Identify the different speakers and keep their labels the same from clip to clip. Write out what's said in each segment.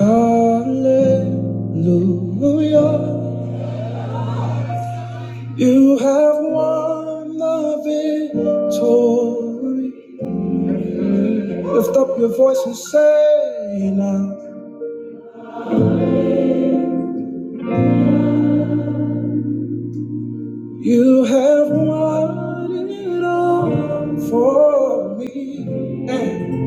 Speaker 1: Hallelujah. You have won the victory. Lift up your voice and say now, You have won it all for me. And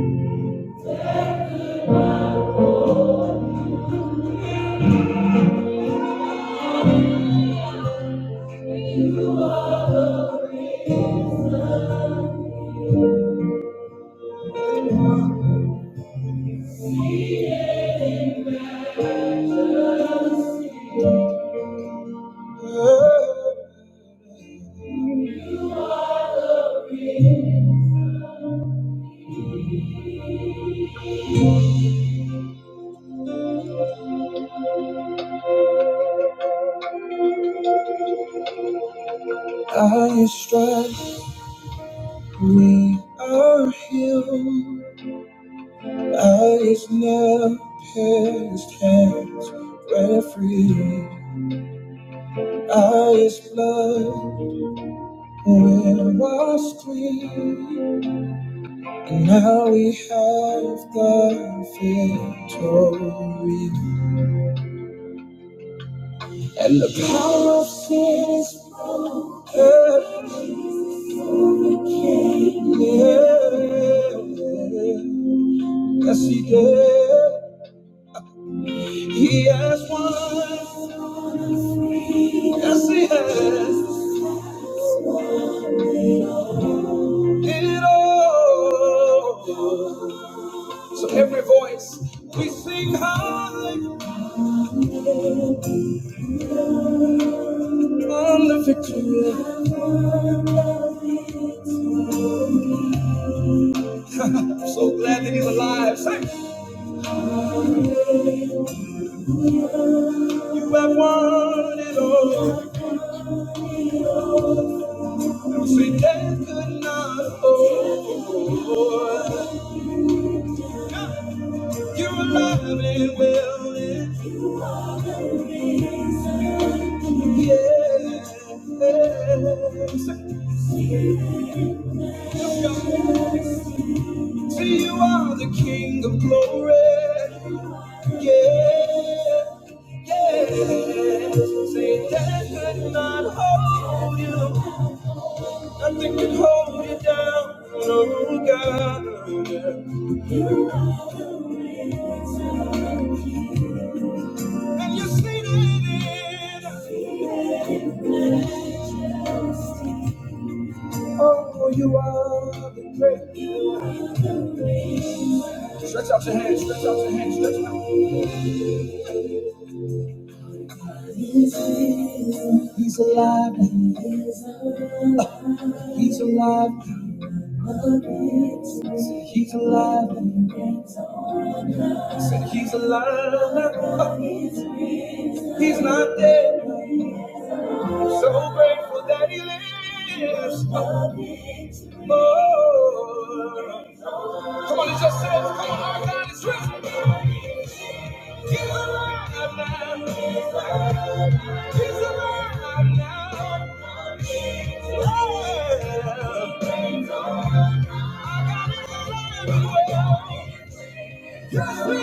Speaker 1: by your stripes we are healed. By his nail pierced hands, we're free. Highest blood will wash clean, and now we have the victory. And the power of sin's death overcame. Yeah. Yes, he did. He has won. Yes, he has. It all. So every voice we sing high. From the victory. I'm so glad that he's alive. Say, you have won it all. And say, death could not hold. You're alive and well. and- Yeah. Say, yes, God. For you are the King of glory. Yeah, yeah. Say death could not hold you. Nothing can hold you down. oh God. You are the reason. And you're seated in. Seated in majesty. Oh, you are the great. You are the great. Stretch out your hands, stretch out your hands, stretch them out. He's alive. He's alive. Uh, he's alive. Say he's alive. Say he's alive. Uh, He's not dead. So grateful that he lives. Uh, Oh, Come on, it's yourself. Come on, our God is risen. He's alive now. He's alive now. Yeah. Our God is alive. Just me.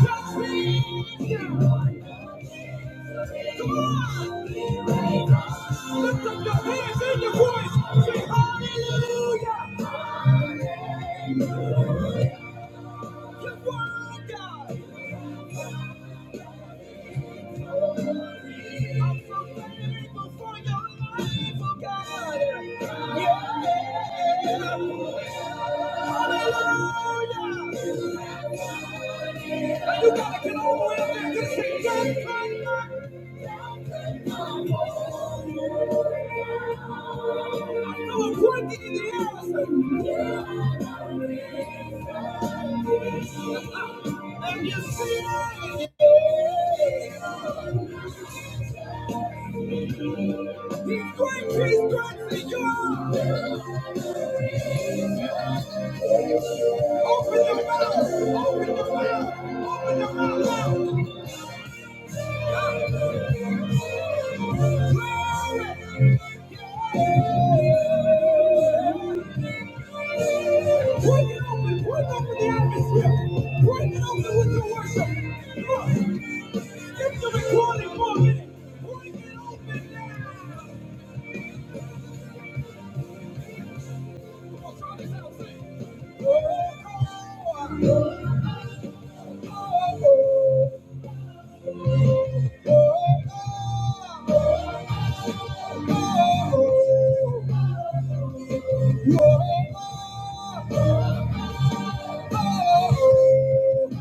Speaker 1: Just me. Come on. Lift up your hands and your voice. Say hallelujah. the I'm Yeah. And you see he's going, he's going to you Open your mouth, open your mouth, open your mouth loud. Break it open, break open the atmosphere. Break it open with your worship. Look, if you record it for a minute, break it open now. Come on, try this out, sing. oh, oh, oh, oh, oh.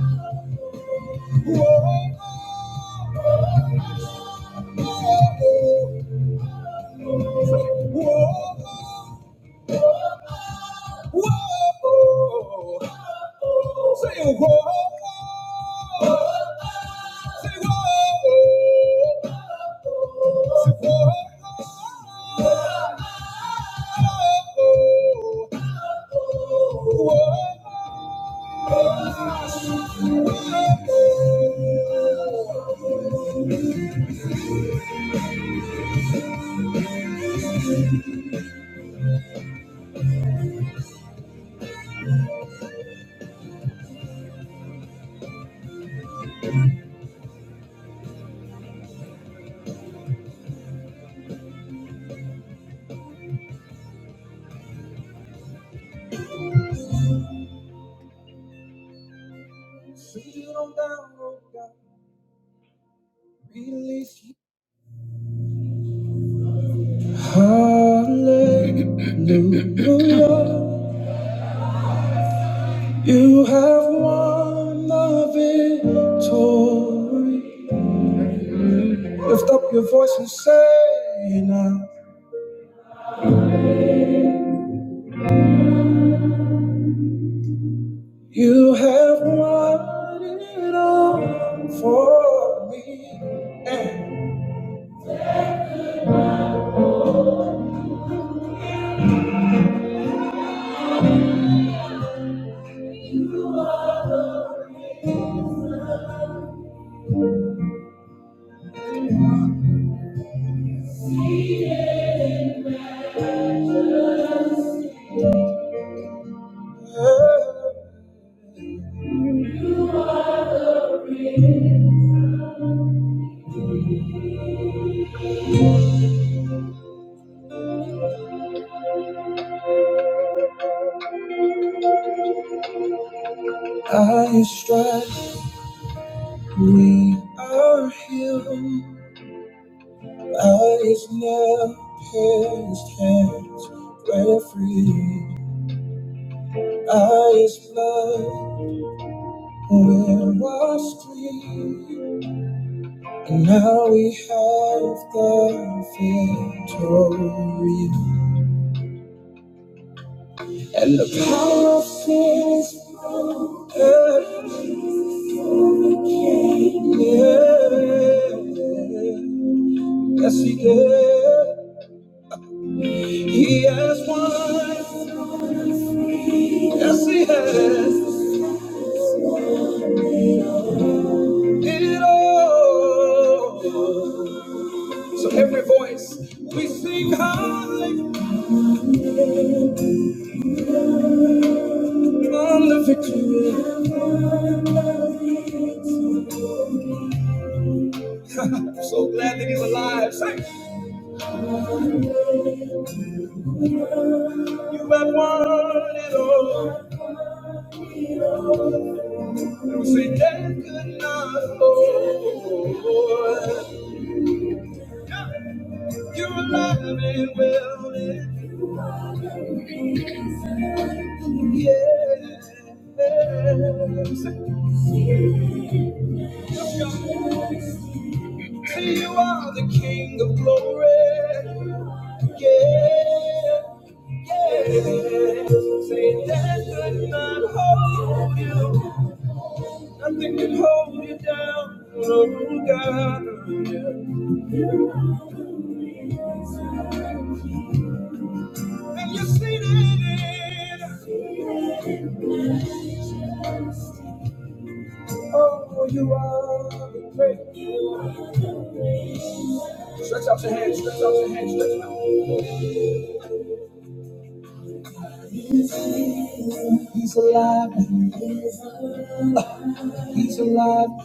Speaker 1: Hallelujah, you have won the victory. Lift up your voice and say now, you have won it all for me. And by your stripes we are healed. By his nail pierced hands we're free. By his blood we're washed clean. And now we have the victory. And the power of sin is perfect. Yes, he did. He has won. Yes, he has it all. So every voice we sing high on the victory. I'm so glad that he's alive. Say, you have won it all. Don't say death could not hold. You're alive and well. and- you're Yes. See, you are the King of glory. Yeah. Yeah. Say death could not hold you. Nothing can hold you down. Oh, God. You are the reason. And you're seated. in. Oh, you are the great. Stretch out your hands. Stretch out your hands. Stretch them out. He's alive. He's alive.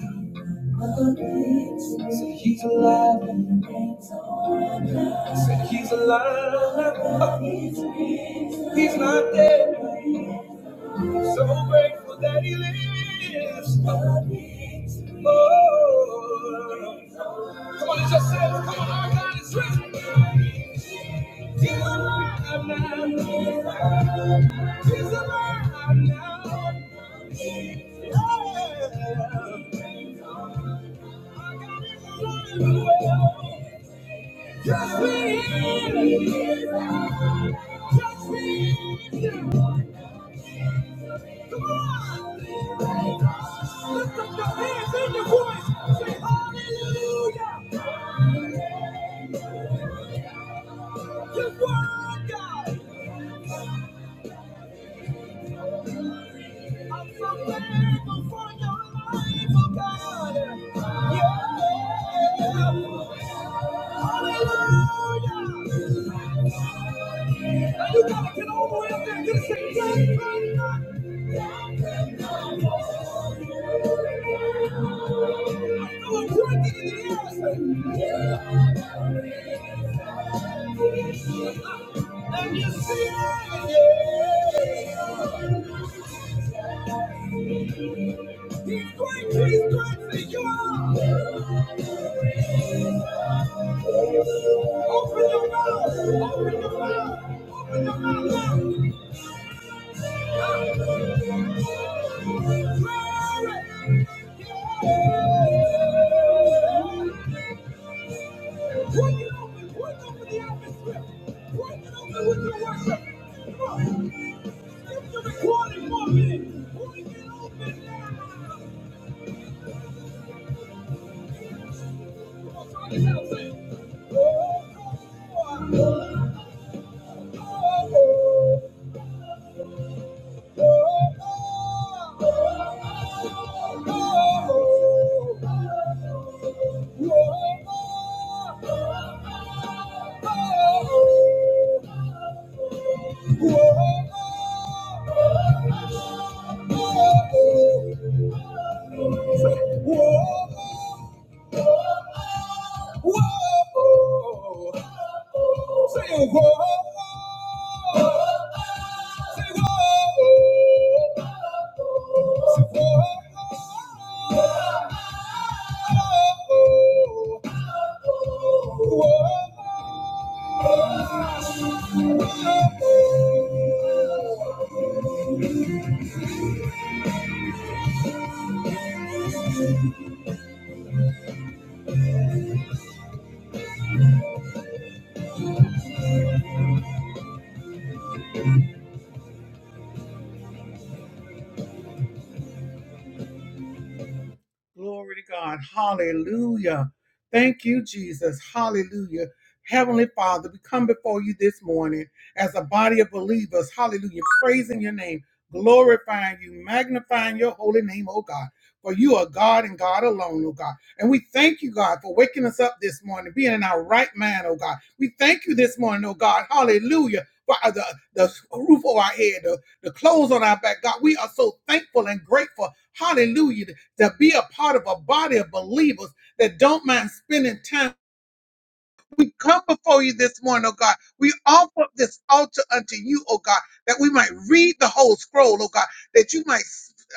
Speaker 1: So he's alive and reigns he's alive. He's not dead. So grateful that he lives. Oh. Come on, it's yourself. Come on, our God is risen. He's alive now. He's alive now. Yeah. Our God is alive well. Trust me in Jesus. Trust me in you. Come on. Lift up your hands and your voice. Say hallelujah. You're worthy, God. I'm so thankful for your life, oh God. Yeah. Hallelujah. Now you gotta get all the way up there and just say, "Thank you, God." And you see it again. He's great, he's great, see you Open your mouth, open your mouth, open your mouth. Oh, oh, oh, oh. Whoa, whoa, say whoa. Whoa. Glory to God. Hallelujah. Thank you, Jesus. Hallelujah. Heavenly Father, we come before you this morning as a body of believers. Hallelujah. Praising your name, glorifying you, magnifying your holy name, oh God. For you are God and God alone, oh God. And we thank you, God, for waking us up this morning, being in our right mind, oh God. We thank you this morning, oh God. Hallelujah. For uh, the, the roof over our head, the, the clothes on our back, God. We are so thankful and grateful. Hallelujah to be a part of a body of believers that don't mind spending time we come before you this morning, oh God. We offer up this altar unto you, oh God, that we might read the whole scroll, oh God, that you might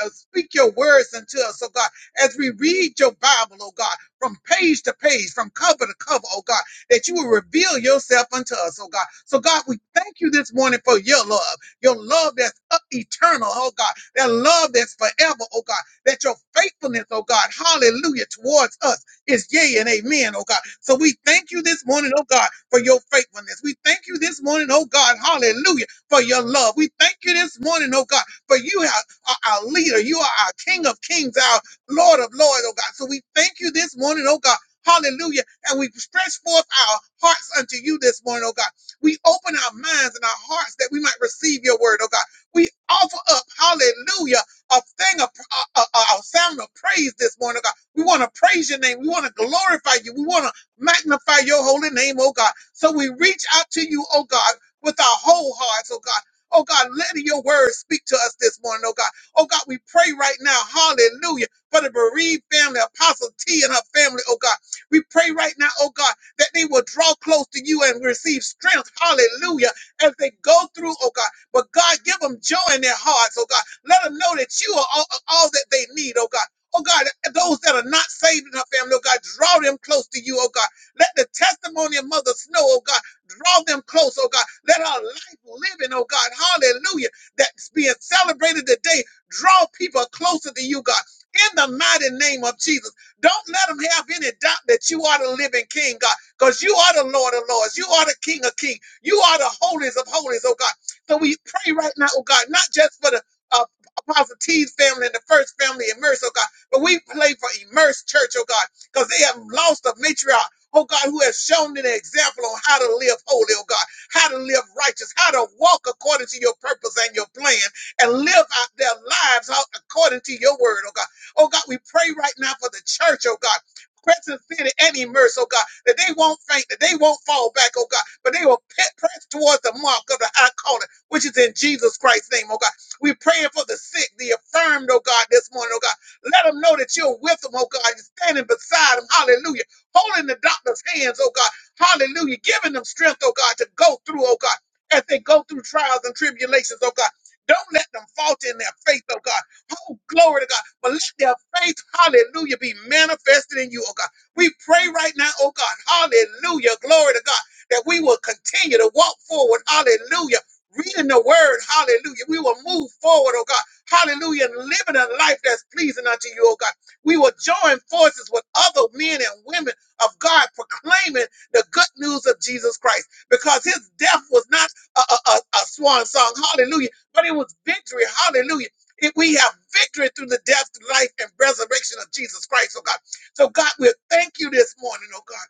Speaker 1: uh, speak your words unto us, oh God, as we read your Bible, oh God, from page to page, from cover to cover, oh God, that you will reveal yourself unto us, oh God. So, God, we thank you this morning for your love, your love that's up eternal, oh God, that love that's forever, oh God, that your faithfulness, oh God, hallelujah, towards us is yea and amen, oh God. So we thank you this morning, oh God, for your faithfulness. We thank you this morning, oh God, hallelujah, for your love. We thank you this morning, oh God, for you are are our leader. You are our King of kings, our Lord of lords, oh God. So we thank you this morning, oh God. Hallelujah. And we stretch forth our hearts unto you this morning, oh God. We open our minds and our hearts that we might receive your word, oh God. We offer up, hallelujah, a thing of a, a, a sound of praise this morning, God. We want to praise your name. We want to glorify you. We want to magnify your holy name, oh God. So we reach out to you, oh God, with our whole hearts, oh God. Oh God, let your words speak to us this morning, oh God. Oh God, we pray right now, hallelujah, for the bereaved family, Apostle T and her family, oh God. We pray right now, oh God, that they will draw close to you and receive strength, hallelujah, as they go through, oh God. But God, give them joy in their hearts, oh God. Let them know that you are all, all that they need, oh God. Oh God, those that are not saved in her family, oh God, draw them close to you, oh God. Let the testimony of Mother Snow, oh God, draw them close, oh God. Let our life living, oh God, hallelujah, that's being celebrated today, draw people closer to you, God. In the mighty name of Jesus. Don't let them have any doubt that you are the living King, God, because you are the Lord of Lords. You are the King of Kings. You are the holies of holies, oh God. So we pray right now, oh God, not just for the uh, Apostle T's family and the first family immersed, oh God, but we pray for immersed church, oh God, because they have lost a matriarch. Oh God, who has shown an example on how to live holy, oh God, how to live righteous, how to walk according to your purpose and your plan, and live out their lives out according to your word, oh God. Oh God, we pray right now for the church, oh God. Crescent City and immerse, oh God, that they won't faint, that they won't fall back, oh God, but they will pe- press towards the mark of the high calling which is in Jesus Christ's name, oh God. We're praying for the sick, the affirmed, oh God, this morning, oh God. Let them know that you're with them, oh God. You're standing beside them, hallelujah. Holding the doctor's hands, oh God, hallelujah. Giving them strength, oh God, to go through, oh God, as they go through trials and tribulations, oh God. Don't let them falter in their faith, oh God. Oh, glory to God. But let their faith, hallelujah, be manifested in you, oh God. We pray right now, oh God, hallelujah, glory to God, that we will continue to walk forward, hallelujah reading the word, hallelujah. We will move forward, oh God, hallelujah, and living a life that's pleasing unto you, oh God. We will join forces with other men and women of God proclaiming the good news of Jesus Christ because his death was not a, a, a, a swan song, hallelujah, but it was victory, hallelujah. If we have victory through the death, life, and resurrection of Jesus Christ, oh God. So, God, we thank you this morning, oh God,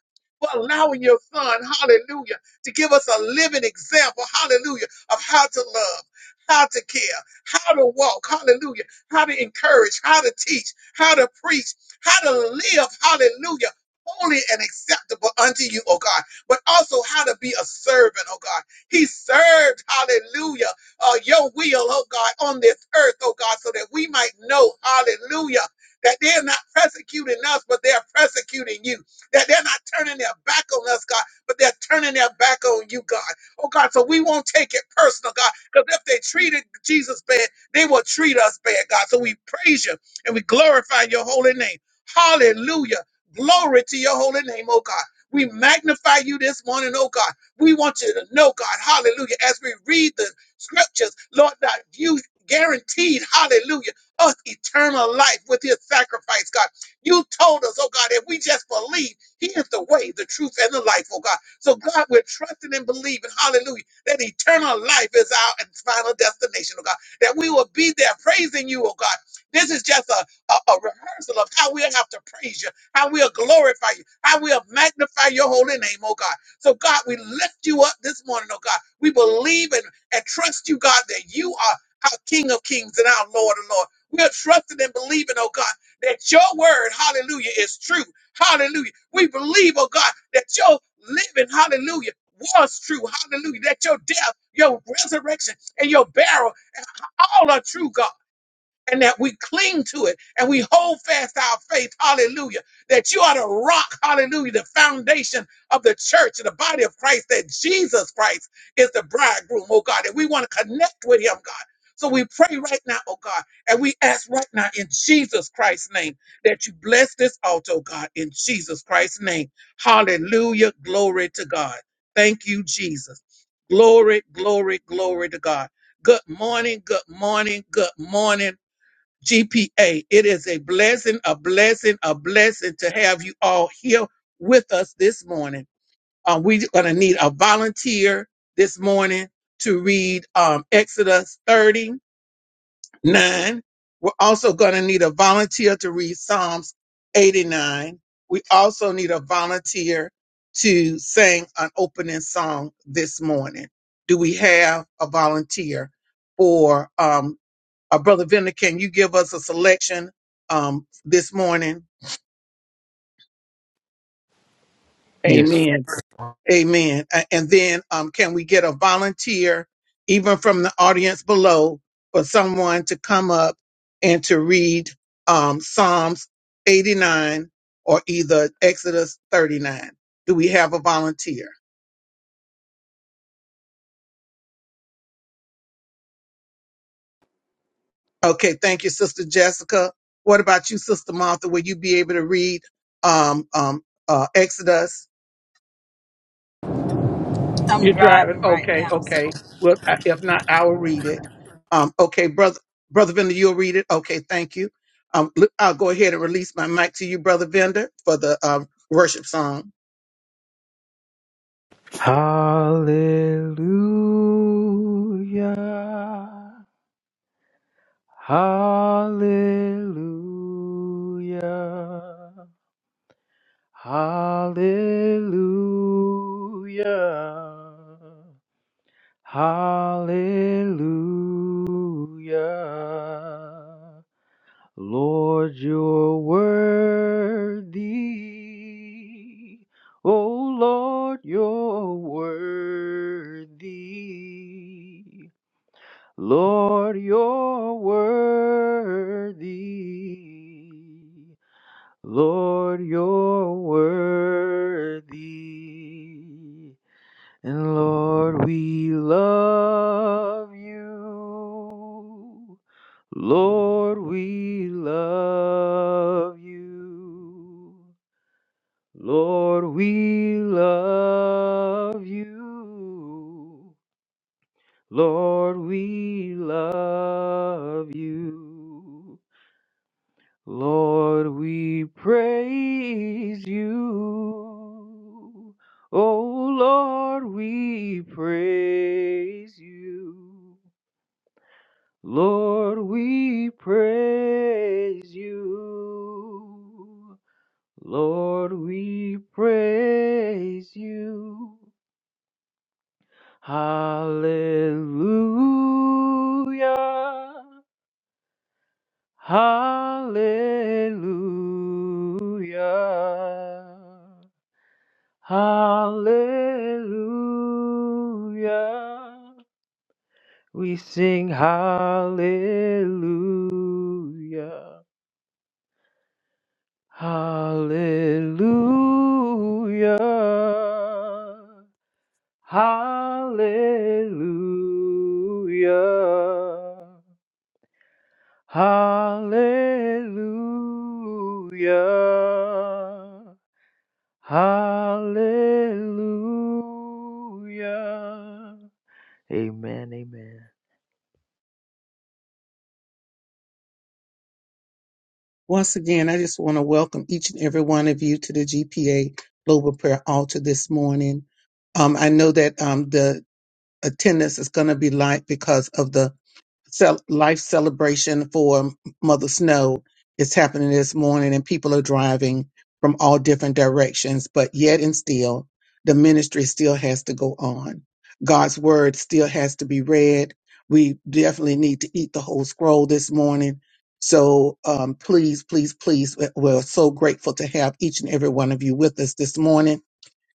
Speaker 1: for allowing your son, hallelujah, to give us a living example, hallelujah of how to love, how to care, how to walk, hallelujah, how to encourage, how to teach, how to preach, how to live, hallelujah, holy and acceptable unto you, oh God, but also how to be a servant, oh God. He served, hallelujah, uh, your will, oh God, on this earth, oh God, so that we might know, hallelujah, that they're not persecuting us, but they're persecuting you. That they're not turning their back on us, God, but they're turning their back on you, God. Oh God, so we won't take it personal, God, because if they treated Jesus bad, they will treat us bad, God. So we praise you and we glorify your holy name. Hallelujah. Glory to your holy name, oh God. We magnify you this morning, oh God. We want you to know, God, hallelujah, as we read the scriptures, Lord God, you guaranteed, hallelujah, us eternal life with his sacrifice, God. You told us, oh God, if we just believe, he is the way, the truth, and the life, oh God. So, God, we're trusting and believing, hallelujah, that eternal life is our final destination, oh God, that we will be there praising you, oh God. This is just a, a, a rehearsal of how we'll have to praise you, how we'll glorify you, how we'll magnify your holy name, oh God. So, God, we lift you up this morning, oh God. We believe and, and trust you, God, that you are our King of kings and our Lord of lords. We are trusting and believing, oh God, that your word, hallelujah, is true. Hallelujah. We believe, oh God, that your living, hallelujah, was true. Hallelujah. That your death, your resurrection, and your burial all are true, God and that we cling to it and we hold fast our faith. Hallelujah. That you are the rock. Hallelujah. The foundation of the church and the body of Christ, that Jesus Christ is the bridegroom, oh God. And we want to connect with him, God. So we pray right now, oh God, and we ask right now in Jesus Christ's name that you bless this altar, oh God, in Jesus Christ's name. Hallelujah. Glory to God. Thank you, Jesus. Glory, glory, glory to God. Good morning, good morning, good morning. GPA. It is a blessing, a blessing, a blessing to have you all here with us this morning. Um, we're going to need a volunteer this morning to read um, Exodus 39. We're also going to need a volunteer to read Psalms 89. We also need a volunteer to sing an opening song this morning. Do we have a volunteer for um, uh, Brother Vender, can you give us a selection um, this morning?
Speaker 2: Yes.
Speaker 1: Amen. Amen. A- And then um, can we get a volunteer, even from the audience below, for someone to come up and to read um, Psalms 89 or either Exodus 39? Do we have a volunteer? Okay, thank you, Sister Jessica. What about you, Sister Martha? Will you be able to read um, um, uh, Exodus?
Speaker 3: I'm
Speaker 1: You're driving.
Speaker 3: driving right
Speaker 1: Okay,
Speaker 3: now, so
Speaker 1: okay. Well, I- if not, I will read it. Um, okay, brother, brother Vender, you'll read it. Okay, thank you. Um, l- I'll go ahead and release my mic to you, brother Vender, for the um, worship song.
Speaker 2: Hallelujah. Hallelujah. Hallelujah. Hallelujah. Lord, you're worthy. Oh, Lord, you're worthy. Lord, you're worthy. Lord, you're worthy. And Lord, we love you. Lord, we love you. Lord, we love you. Lord, we love you. Lord, we praise you. Oh, Lord, we praise you. Lord, we praise you. Lord, we praise you. Hallelujah. Hallelujah. Hallelujah. We sing hallelujah. Hallelujah. Hallelujah. Hallelujah. Hallelujah. Amen. Amen.
Speaker 1: Once again, I just want to welcome each and every one of you to the GPA Global Prayer Altar this morning. Um, I know that um, attendance is going to be light because of the cel- life celebration for Mother Snow. It's happening this morning, and people are driving from all different directions. But yet and still, the ministry still has to go on. God's word still has to be read. We definitely need to eat the whole scroll this morning. So um, please, please, please, we're we're so grateful to have each and every one of you with us this morning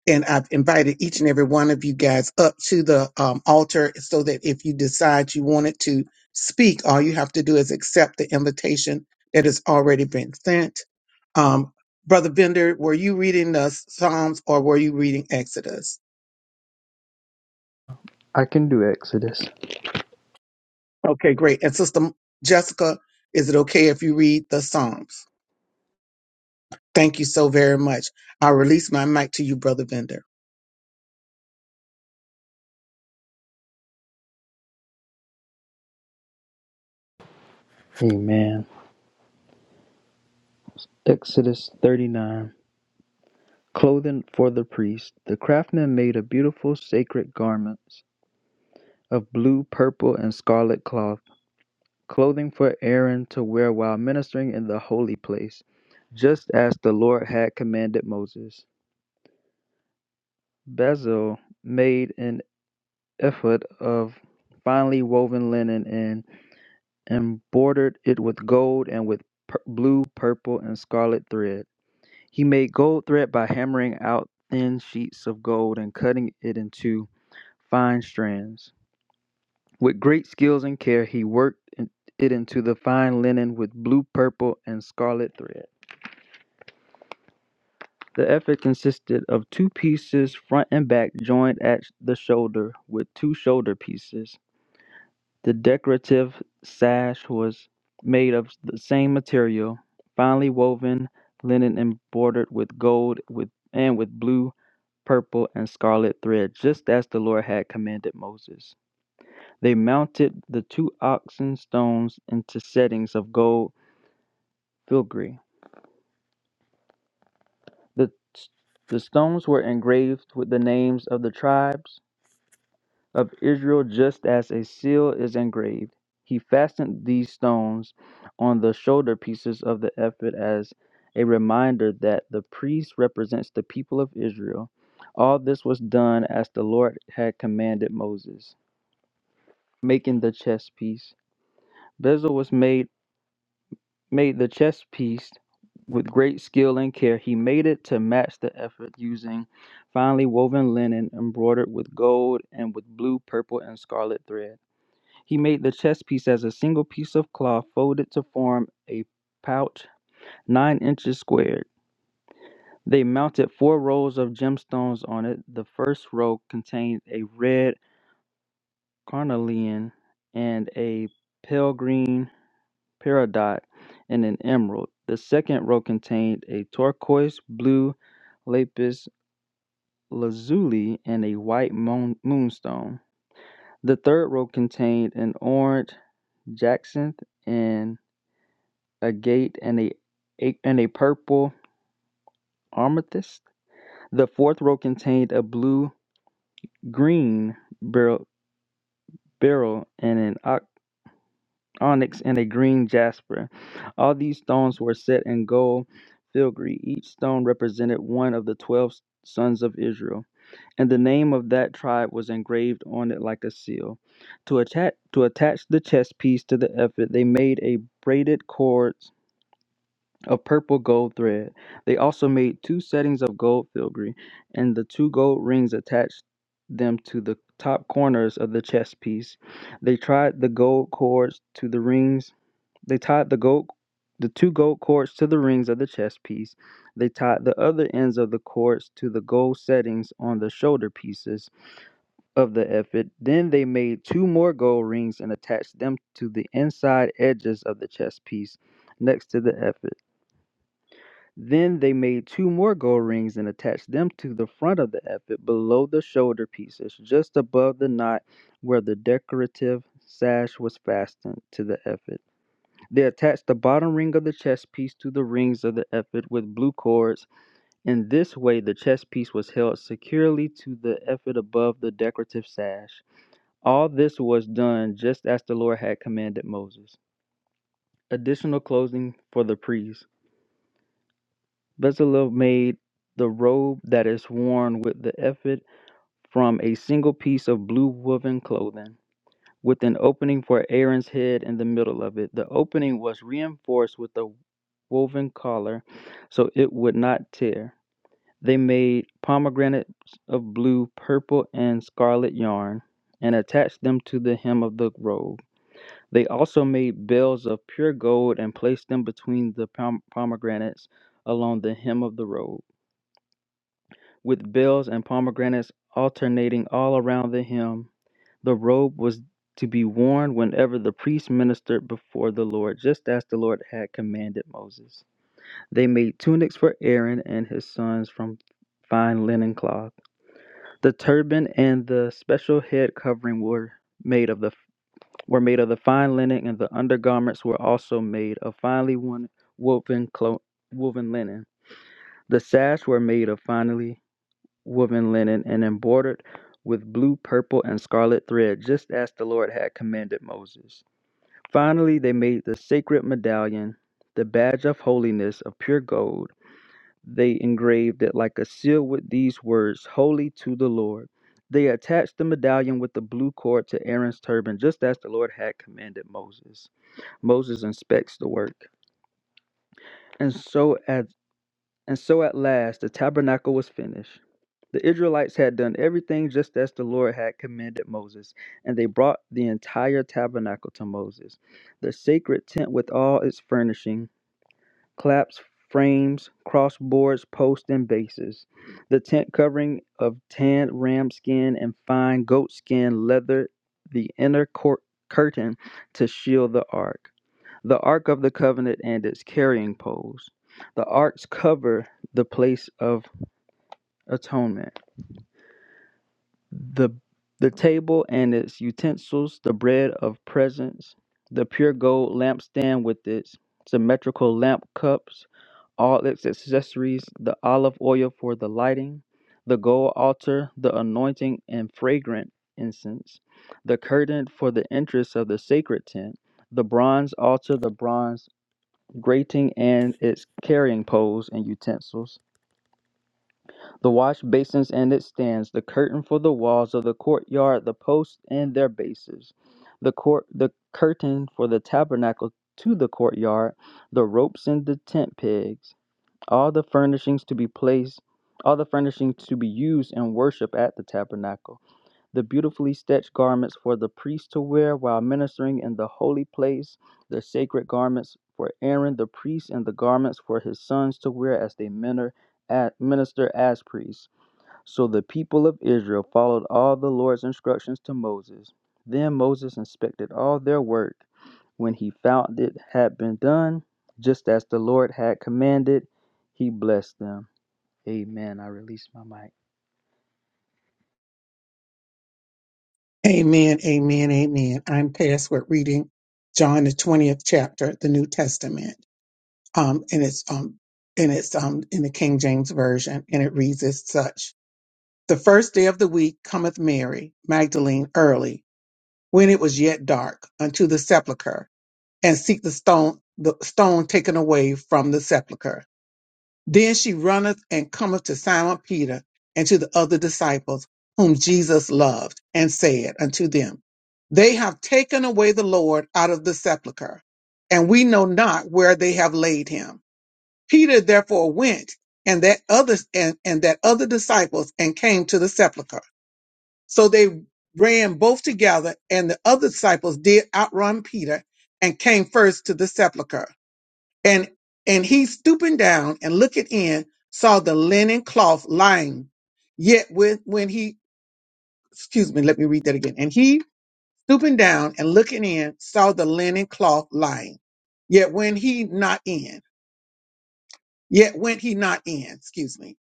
Speaker 1: and I've invited each and every one of you guys up to the um, altar so that if you decide you wanted to speak, all you have to do is accept the invitation that has already been sent. Um, Brother Bender, were you reading the Psalms or were you reading Exodus?
Speaker 2: I can do Exodus.
Speaker 1: Okay, great. And Sister Jessica, is it okay if you read the Psalms? Thank you so very much. I'll release my mic to you, Brother Bender.
Speaker 2: Amen. Exodus 39. Clothing for the priest. The craftsman made a beautiful sacred garments. of blue, purple, and scarlet cloth, clothing for Aaron to wear while ministering in the holy place, just as the Lord had commanded Moses. Bezalel made an ephod of finely woven linen and embroidered it with gold and with pur- blue, purple, and scarlet thread. He made gold thread by hammering out thin sheets of gold and cutting it into fine strands. With great skills and care, he worked it into the fine linen with blue, purple, and scarlet thread. The effort consisted of two pieces, front and back, joined at the shoulder with two shoulder pieces. The decorative sash was made of the same material, finely woven linen embroidered with gold with and with blue, purple, and scarlet thread, just as the Lord had commanded Moses. They mounted the two oxen stones into settings of gold filigree. The, the stones were engraved with the names of the tribes of Israel, just as a seal is engraved. He fastened these stones on the shoulder pieces of the ephod as a reminder that the priest represents the people of Israel. All this was done as the Lord had commanded Moses. Making the chess piece. Bezel was made made the chess piece with great skill and care. He made it to match the effort using finely woven linen embroidered with gold and with blue, purple, and scarlet thread. He made the chess piece as a single piece of cloth folded to form a pouch nine inches squared. They mounted four rows of gemstones on it. The first row contained a red carnelian and a pale green peridot, and an emerald. The second row contained a turquoise blue lapis lazuli and a white moon- moonstone. The third row contained an orange jacinth and a gate and a, a and a purple amethyst. The fourth row contained a blue green beryl, beryl and an onyx, and a green jasper. All these stones were set in gold filigree. Each stone represented one of the twelve sons of Israel, and the name of that tribe was engraved on it like a seal. To attach to attach the chest piece to the ephod, they made a braided cords of purple gold thread. They also made two settings of gold filigree, and the two gold rings attached them to the top corners of the chest piece. They tied the gold cords to the rings they tied the gold, the two gold cords to the rings of the chest piece. They tied the other ends of the cords to the gold settings on the shoulder pieces of the ephod. Then they made two more gold rings and attached them to the inside edges of the chest piece next to the ephod. Then they made two more gold rings and attached them to the front of the ephod below the shoulder pieces, just above the knot where the decorative sash was fastened to the ephod. They attach the bottom ring of the chess piece to the rings of the ephod with blue cords. In this way, the chess piece was held securely to the ephod above the decorative sash. All this was done just as the Lord had commanded Moses. Additional clothing for the priests. Bezalel made the robe that is worn with the ephod from a single piece of blue woven clothing, with an opening for Aaron's head in the middle of it. The opening was reinforced with a woven collar so it would not tear. They made pomegranates of blue, purple, and scarlet yarn and attached them to the hem of the robe. They also made bells of pure gold and placed them between the pom- pomegranates along the hem of the robe. With bells and pomegranates alternating all around the hem, the robe was to be worn whenever the priest ministered before the Lord, just as the Lord had commanded Moses. They made tunics for Aaron and his sons from fine linen cloth. The turban and the special head covering were made of the were made of the fine linen, and the undergarments were also made of finely woven clo- woven linen. The sash were made of finely woven linen and embroidered with blue, purple, and scarlet thread, just as the Lord had commanded Moses. Finally, they made the sacred medallion, the badge of holiness of pure gold They engraved it like a seal with these words Holy to the Lord. They attached the medallion with the blue cord to Aaron's turban, just as the Lord had commanded Moses. Moses inspects the work. And so at and so at last the tabernacle was finished. The Israelites had done everything just as the Lord had commanded Moses, and they brought the entire tabernacle to Moses. The sacred tent with all its furnishing claps, frames, crossboards, posts, and bases. The tent covering of tanned ram skin and fine goat skin leather the inner court curtain to shield the ark. The ark of the covenant and its carrying poles. The arks cover the place of atonement. The the table and its utensils, the bread of presence, the pure gold lampstand with its symmetrical lamp cups, all its accessories, the olive oil for the lighting, the gold altar, the anointing and fragrant incense, the curtain for the entrance of the sacred tent, the bronze altar, the bronze grating and its carrying poles and utensils, the wash basins and its stands, the curtain for the walls of the courtyard, the posts and their bases, the court the curtain for the tabernacle to the courtyard, the ropes and the tent pegs all the furnishings to be placed, all the furnishings to be used in worship at the tabernacle, the beautifully stitched garments for the priests to wear while ministering in the holy place, the sacred garments for Aaron the priest, and the garments for his sons to wear as they minister. At, minister as priests. So the people of Israel followed all the Lord's instructions to Moses. Then Moses inspected all their work when he found it had been done, just as the Lord had commanded, he blessed them. Amen. I release my mic.
Speaker 1: Amen, amen, amen. I'm tasked with reading John the 20th chapter, the New Testament. Um, and it's um and it's um in the King James Version, and it reads as such. The first day of the week cometh Mary, Magdalene early, when it was yet dark, unto the sepulchre, and seek the stone the stone taken away from the sepulchre. Then she runneth and cometh to Simon Peter and to the other disciples whom Jesus loved, and said unto them, They have taken away the Lord out of the sepulchre, and we know not where they have laid him. Peter therefore went and that other and, and that other disciples and came to the sepulchre. So they ran both together, and the other disciples did outrun Peter and came first to the sepulchre and and he stooping down and looking in, saw the linen cloth lying. Yet with when he excuse me, let me read that again. And he stooping down and looking in, saw the linen cloth lying. Yet when he not in, yet went he not in, excuse me.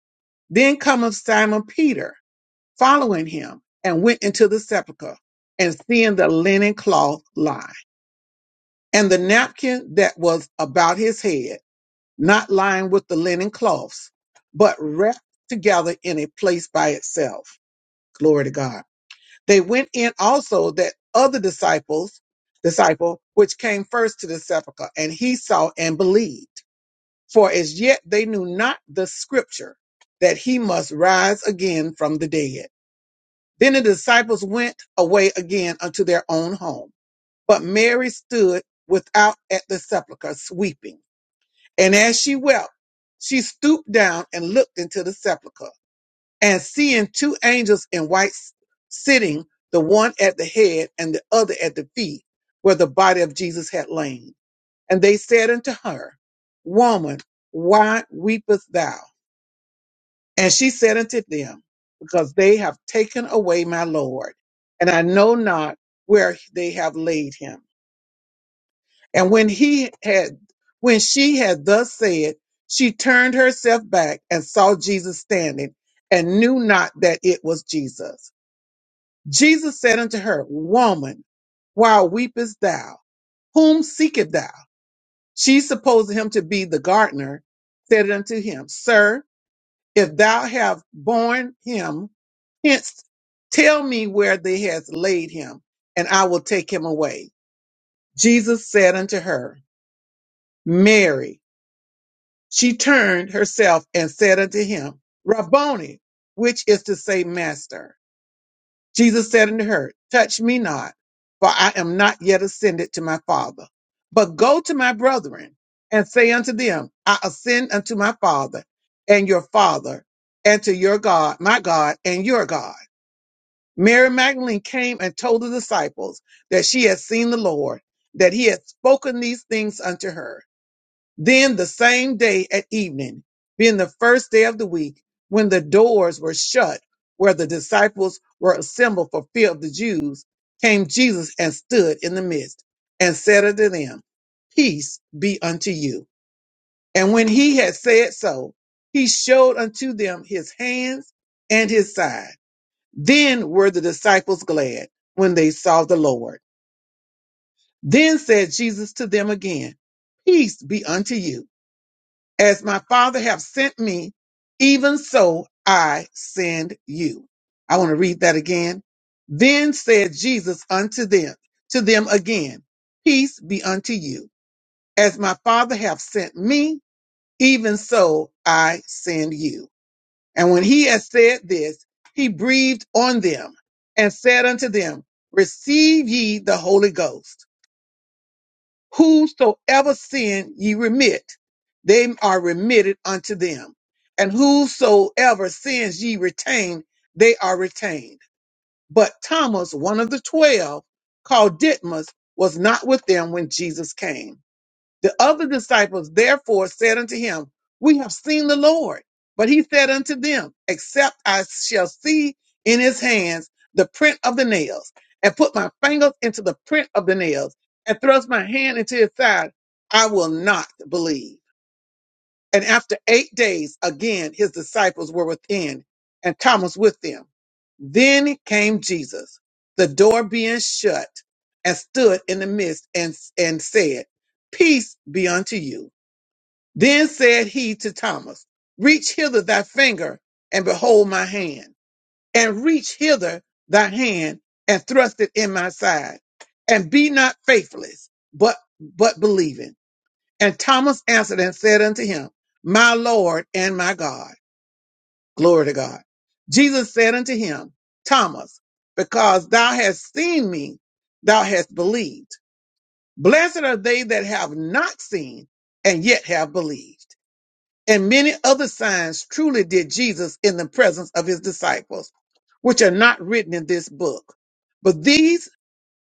Speaker 1: Then cometh Simon Peter following him and went into the sepulchre and seeing the linen cloth lie and the napkin that was about his head not lying with the linen cloths, but wrapped together in a place by itself. Glory to God. They went in also that other disciples, disciple, which came first to the sepulchre, and he saw and believed. For as yet they knew not the scripture that he must rise again from the dead. Then the disciples went away again unto their own home. But Mary stood without at the sepulchre, weeping. And as she wept, she stooped down and looked into the sepulchre. And seeing two angels in white s- sitting, the one at the head and the other at the feet, where the body of Jesus had lain. And they said unto her, Woman, why weepest thou? And she said unto them, Because they have taken away my Lord, and I know not where they have laid him. And when he had, when she had thus said, she turned herself back and saw Jesus standing and knew not that it was Jesus. Jesus said unto her, Woman, why weepest thou? Whom seekest thou? She supposed him to be the gardener, said unto him, Sir, if thou have borne him, hence tell me where they has laid him, and I will take him away. Jesus said unto her, Mary. She turned herself and said unto him, Rabboni, which is to say, Master. Jesus said unto her, Touch me not, for I am not yet ascended to my Father. But go to my brethren and say unto them, I ascend unto my Father and your Father, and to your God, my God, and your God. Mary Magdalene came and told the disciples that she had seen the Lord, that he had spoken these things unto her. Then the same day at evening, being the first day of the week, when the doors were shut, where the disciples were assembled for fear of the Jews, came Jesus and stood in the midst and said unto them, Peace be unto you. And when he had said so, he showed unto them his hands and his side. Then were the disciples glad when they saw the Lord. Then said Jesus to them again, Peace be unto you. As my Father have sent me, even so I send you. I want to read that again. Then said Jesus unto them, to them again, Peace be unto you. As my Father hath sent me, even so I send you. And when he had said this, he breathed on them and said unto them, Receive ye the Holy Ghost whosoever sin ye remit, they are remitted unto them. And whosoever sins ye retain, they are retained. But Thomas, one of the twelve, called Didymus, was not with them when Jesus came. The other disciples therefore said unto him, We have seen the Lord. But he said unto them, Except I shall see in his hands the print of the nails, and put my fingers into the print of the nails, and thrust my hand into his side, I will not believe. And after eight days, again, his disciples were within and Thomas with them. Then came Jesus, the door being shut, and stood in the midst and, and said, Peace be unto you. Then said he to Thomas, Reach hither thy finger and behold my hand, and reach hither thy hand and thrust it in my side, and be not faithless, but, but believing. And Thomas answered and said unto him, My Lord and my God. Glory to God. Jesus said unto him, Thomas, because thou hast seen me, thou hast believed. Blessed are they that have not seen and yet have believed. And many other signs truly did Jesus in the presence of his disciples, which are not written in this book. But these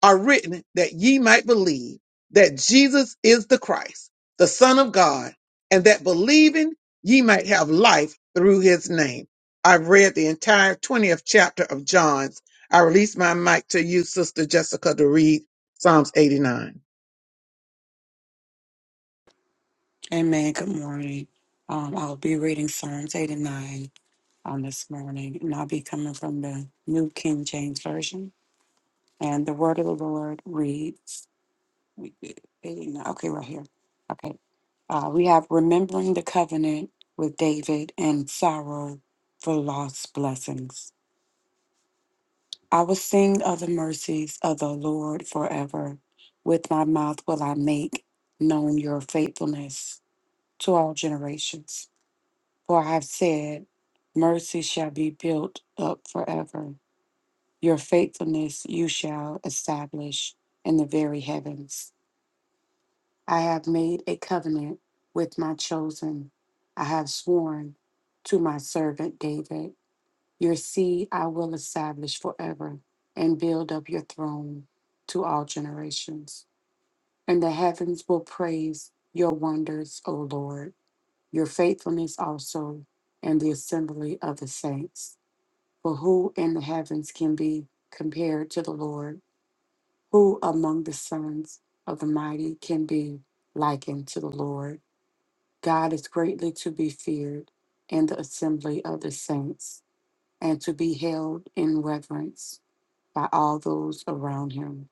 Speaker 1: are written that ye might believe that Jesus is the Christ, the Son of God, and that believing ye might have life through his name. I've read the entire 20th chapter of John's. I release my mic to you, Sister Jessica, to read Psalms 89.
Speaker 4: Amen. Good morning. Um, I'll be reading Psalms 89 on this morning, and I'll be coming from the New King James Version. And the word of the Lord reads, eighty-nine, okay, right here. Okay. Uh, we have remembering the covenant with David and sorrow for lost blessings. I will sing of the mercies of the Lord forever. With my mouth will I make known your faithfulness to all generations. For I have said, Mercy shall be built up forever. Your faithfulness you shall establish in the very heavens. I have made a covenant with my chosen. I have sworn to my servant David, Your seed I will establish forever and build up your throne to all generations. And the heavens will praise your wonders, O Lord, your faithfulness also, and the assembly of the saints For who in the heavens can be compared to the Lord? Who among the sons of the mighty can be likened to the Lord? God is greatly to be feared in the assembly of the saints and to be held in reverence by all those around him.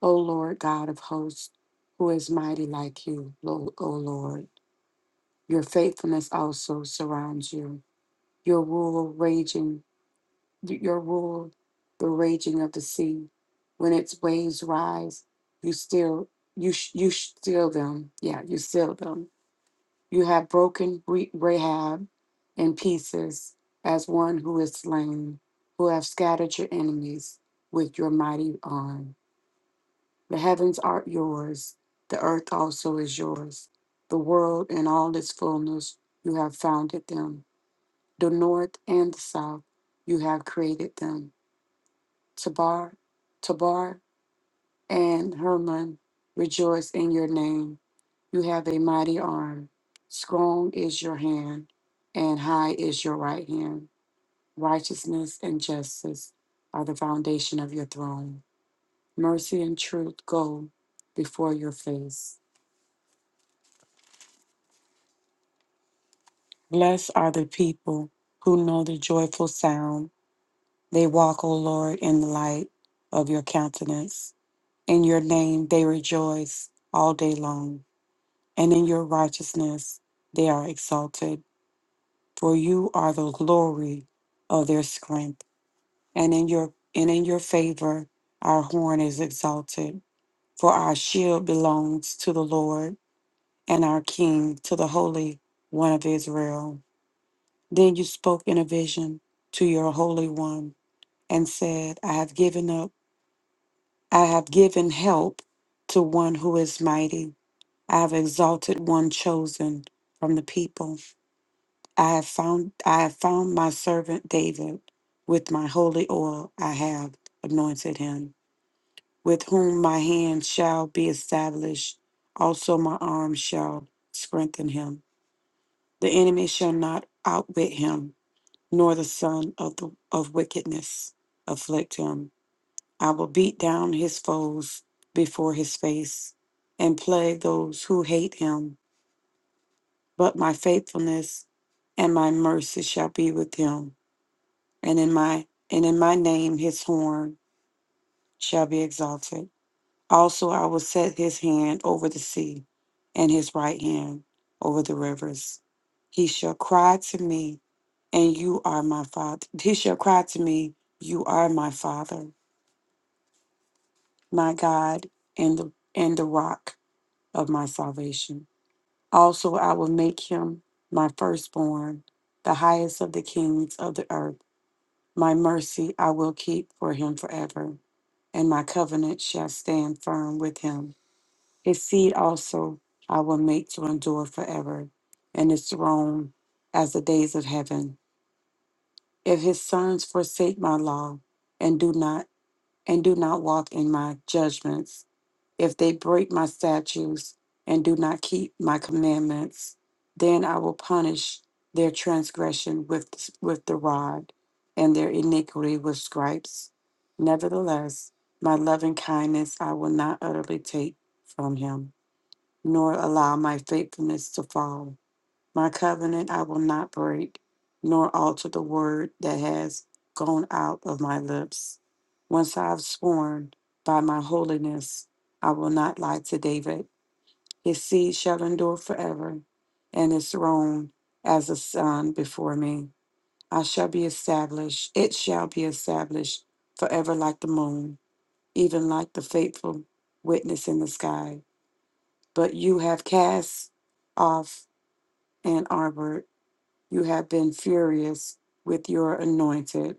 Speaker 4: O Lord God of hosts, who is mighty like you, Lo- O Lord? Your faithfulness also surrounds you, your rule raging y- your rule the raging of the sea. When its waves rise, you still you sh- you sh- still them. Yeah, you still them. You have broken Re- Rahab in pieces as one who is slain, who have scattered your enemies with your mighty arm. The heavens are yours, the earth also is yours. The world and all its fullness, you have founded them. The north and the south, you have created them Tabar, Tabar, and Hermon rejoice in your name. You have a mighty arm. Strong is your hand, and high is your right hand. Righteousness and justice are the foundation of your throne. Mercy and truth go before your face. Blessed are the people who know the joyful sound. They walk, O Lord, in the light of your countenance. In your name they rejoice all day long. and in your righteousness they are exalted for you are the glory of their strength and in your and in your favor our horn is exalted for our shield belongs to the lord and our king to the holy one of israel then you spoke in a vision to your holy one and said i have given up i have given help to one who is mighty i have exalted one chosen from the people I have found I have found my servant David with my holy oil I have anointed him, with whom my hand shall be established, also my arm shall strengthen him. The enemy shall not outwit him, nor the son of the of wickedness afflict him. I will beat down his foes before his face and plague those who hate him, but my faithfulness and my mercy shall be with him and in my and in my name his horn shall be exalted. Also I will set his hand over the sea, and his right hand over the rivers. He shall cry to me, and you are my father. He shall cry to me, you are my father, my God, and the and the rock of my salvation. Also I will make him my firstborn, the highest of the kings of the earth. My mercy I will keep for him forever and my covenant shall stand firm with him. His seed also I will make to endure forever, and his throne as the days of heaven. If his sons forsake my law and do not and do not walk in my judgments, if they break my statutes and do not keep my commandments, then I will punish their transgression with, with the rod and their iniquity with stripes. Nevertheless, my loving kindness I will not utterly take from him, nor allow my faithfulness to fall. My covenant I will not break, nor alter the word that has gone out of my lips. Once I have sworn by my holiness, I will not lie to David. His seed shall endure forever, and his throne as a sun before me. I shall be established, it shall be established forever like the moon, even like the faithful witness in the sky. But you have cast off and armored you have been furious with your anointed.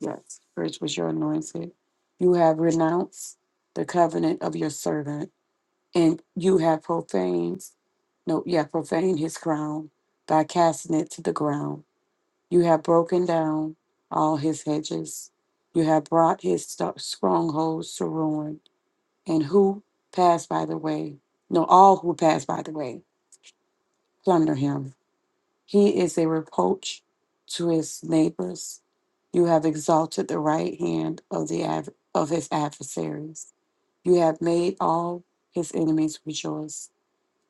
Speaker 4: Yes, Rich was your anointed. You have renounced the covenant of your servant, and you have profaned, no, you have profaned his crown by casting it to the ground. You have broken down all his hedges. You have brought his sto- strongholds to ruin. And who pass by the way? No, all who pass by the way plunder him. He is a reproach to his neighbors. You have exalted the right hand of the adver- of his adversaries. You have made all his enemies rejoice.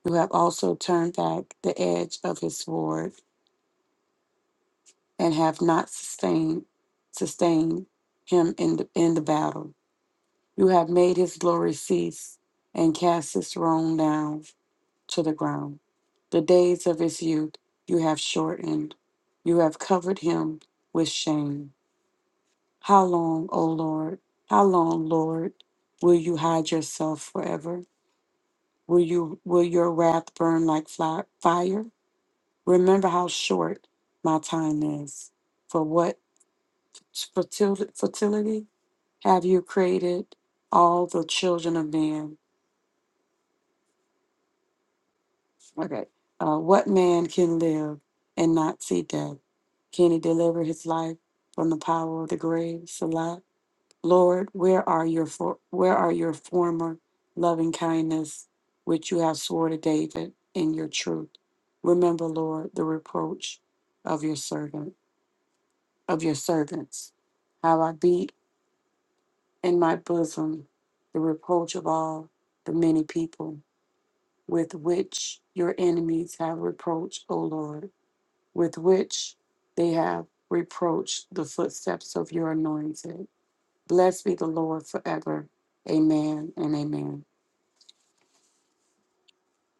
Speaker 4: You have also turned back the edge of his sword and have not sustained sustained him in the, in the battle. You have made his glory cease and cast his throne down. to the ground. The days of his youth you have shortened. You have covered him with shame. How long, O Lord? How long, Lord, will you hide yourself forever? Will you will your wrath burn like fly, fire? Remember how short my time is. For what fertil- fertility have you created all the children of man? Okay. Uh, what man can live and not see death? Can he deliver his life from the power of the grave? Salah. Lord, where are your for, where are your former loving kindness, which you have sworn to David in your truth? Remember, Lord, the reproach of your servant of your servants. How I beat in my bosom the reproach of all the many people with which your enemies have reproached, O Lord. with which they have reproached the footsteps of your anointed. Blessed be the Lord forever. Amen and amen.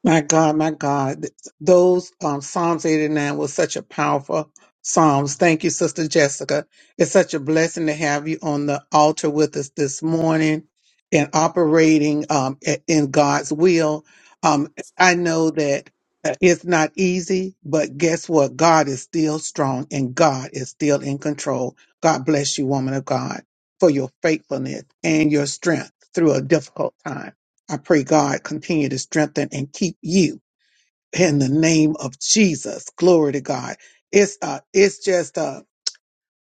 Speaker 1: My God, my God, those um, Psalms 89 was such a powerful Psalms. Thank you, Sister Jessica. It's such a blessing to have you on the altar with us this morning and operating um, i- in God's will. Um, I know that uh, it's not easy, but guess what? God is still strong and God is still in control. God bless you, woman of God, for your faithfulness and your strength through a difficult time. I pray God continue to strengthen and keep you in the name of Jesus. Glory to God. It's uh, it's just uh,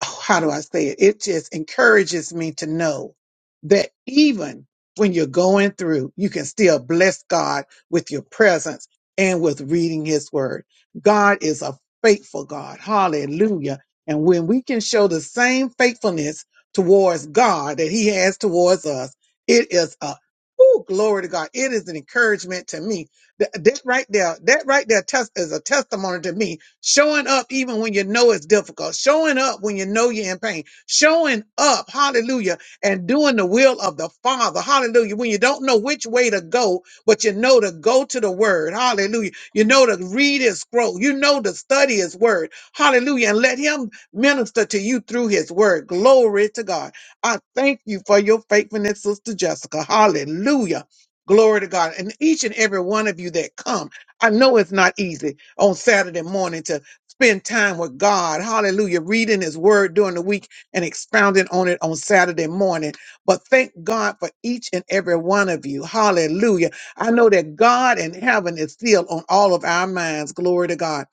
Speaker 1: Oh, how do I say it? It just encourages me to know that even when you're going through, you can still bless God with your presence and with reading his word. God is a faithful God. Hallelujah. And when we can show the same faithfulness towards God that he has towards us, it is a Ooh, glory to God. It is an encouragement to me. That, that right there, that right there test is a testimony to me showing up even when you know it's difficult, showing up when you know you're in pain, showing up, hallelujah, and doing the will of the Father, hallelujah, when you don't know which way to go, but you know to go to the Word, hallelujah, you know to read His scroll, you know to study His Word, hallelujah, and let Him minister to you through His Word. Glory to God. I thank you for your faithfulness, Sister Jessica, hallelujah. Glory to God. And each and every one of you that come, I know it's not easy on Saturday morning to spend time with God. Hallelujah. Reading his word during the week and expounding on it on Saturday morning. But thank God for each and every one of you. Hallelujah. I know that God and heaven is still on all of our minds. Glory to God.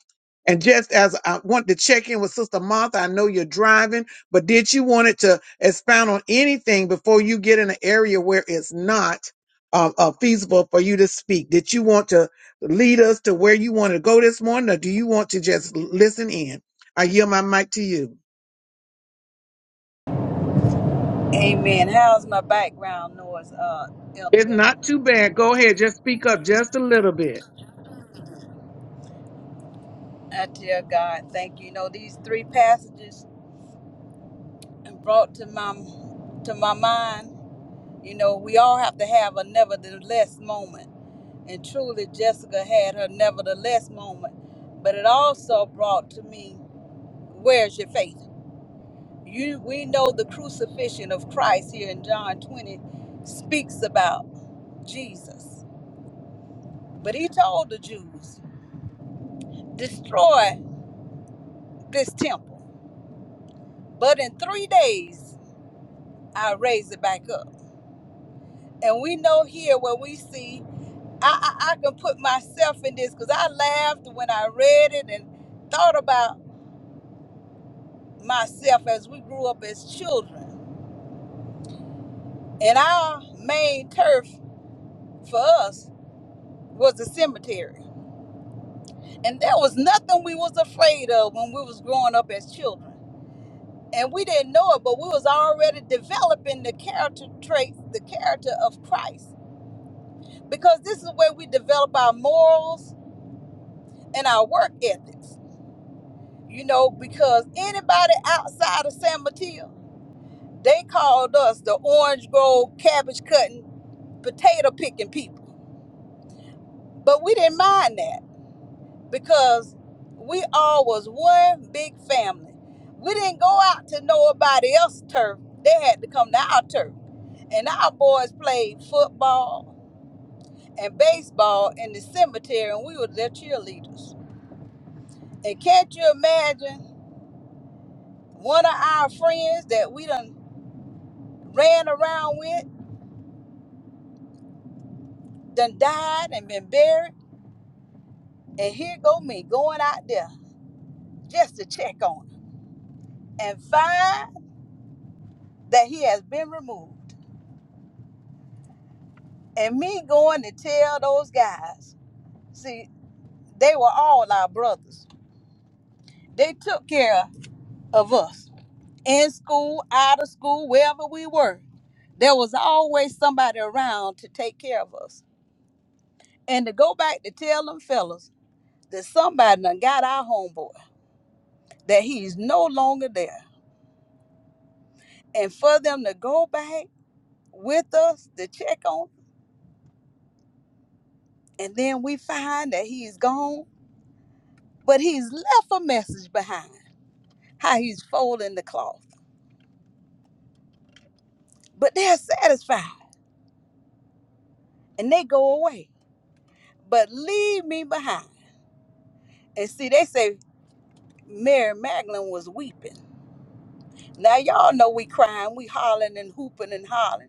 Speaker 1: And just as I want to check in with Sister Martha, I know you're driving, but did you want it to expound on anything before you get in an area where it's not um, uh, feasible for you to speak? Did you want to lead us to where you want to go this morning, or do you want to just listen in? I yield my mic to you.
Speaker 3: amen. How's my background noise, uh, Elder
Speaker 1: It's
Speaker 3: Belcher?
Speaker 1: not too bad. Go ahead. Just speak up just a little bit.
Speaker 3: I tell God, thank you. You know, these three passages brought to my to my mind, you know, we all have to have a nevertheless moment. And truly Jessica had her nevertheless moment. But it also brought to me, where's your faith? You we know the crucifixion of Christ here in John 20 speaks about Jesus. But he told the Jews, destroy this temple. But in three days, I'll raise it back up. And we know here where we see, I, I, I can put myself in this because I laughed when I read it and thought about myself as we grew up as children. And our main turf for us was the cemetery. And there was nothing we was afraid of when we was growing up as children. And we didn't know it, but we was already developing the character traits, the character of Christ because this is where we develop our morals and our work ethics. You know, because anybody outside of San Mateo, they called us the orange grove cabbage cutting, potato picking people. But we didn't mind that because we all was one big family. We didn't go out to nobody else's turf. They had to come to our turf. And our boys played football and baseball in the cemetery, and we were their cheerleaders And can't you imagine one of our friends that we done ran around with, done died and been buried, and here go me going out there just to check on him and find that he has been removed. And me going to tell those guys, see, they were all our brothers. They took care of us in school, out of school, wherever we were. There was always somebody around to take care of us. And to go back to tell them fellas that somebody done got our homeboy, that he's no longer there. And for them to go back with us to check on, and then we find that he's gone, but he's left a message behind how he's folding the cloth. But they're satisfied and they go away, but leave me behind. And see, they say Mary Magdalene was weeping. Now, y'all know we crying, we hollering and hooping and hollering.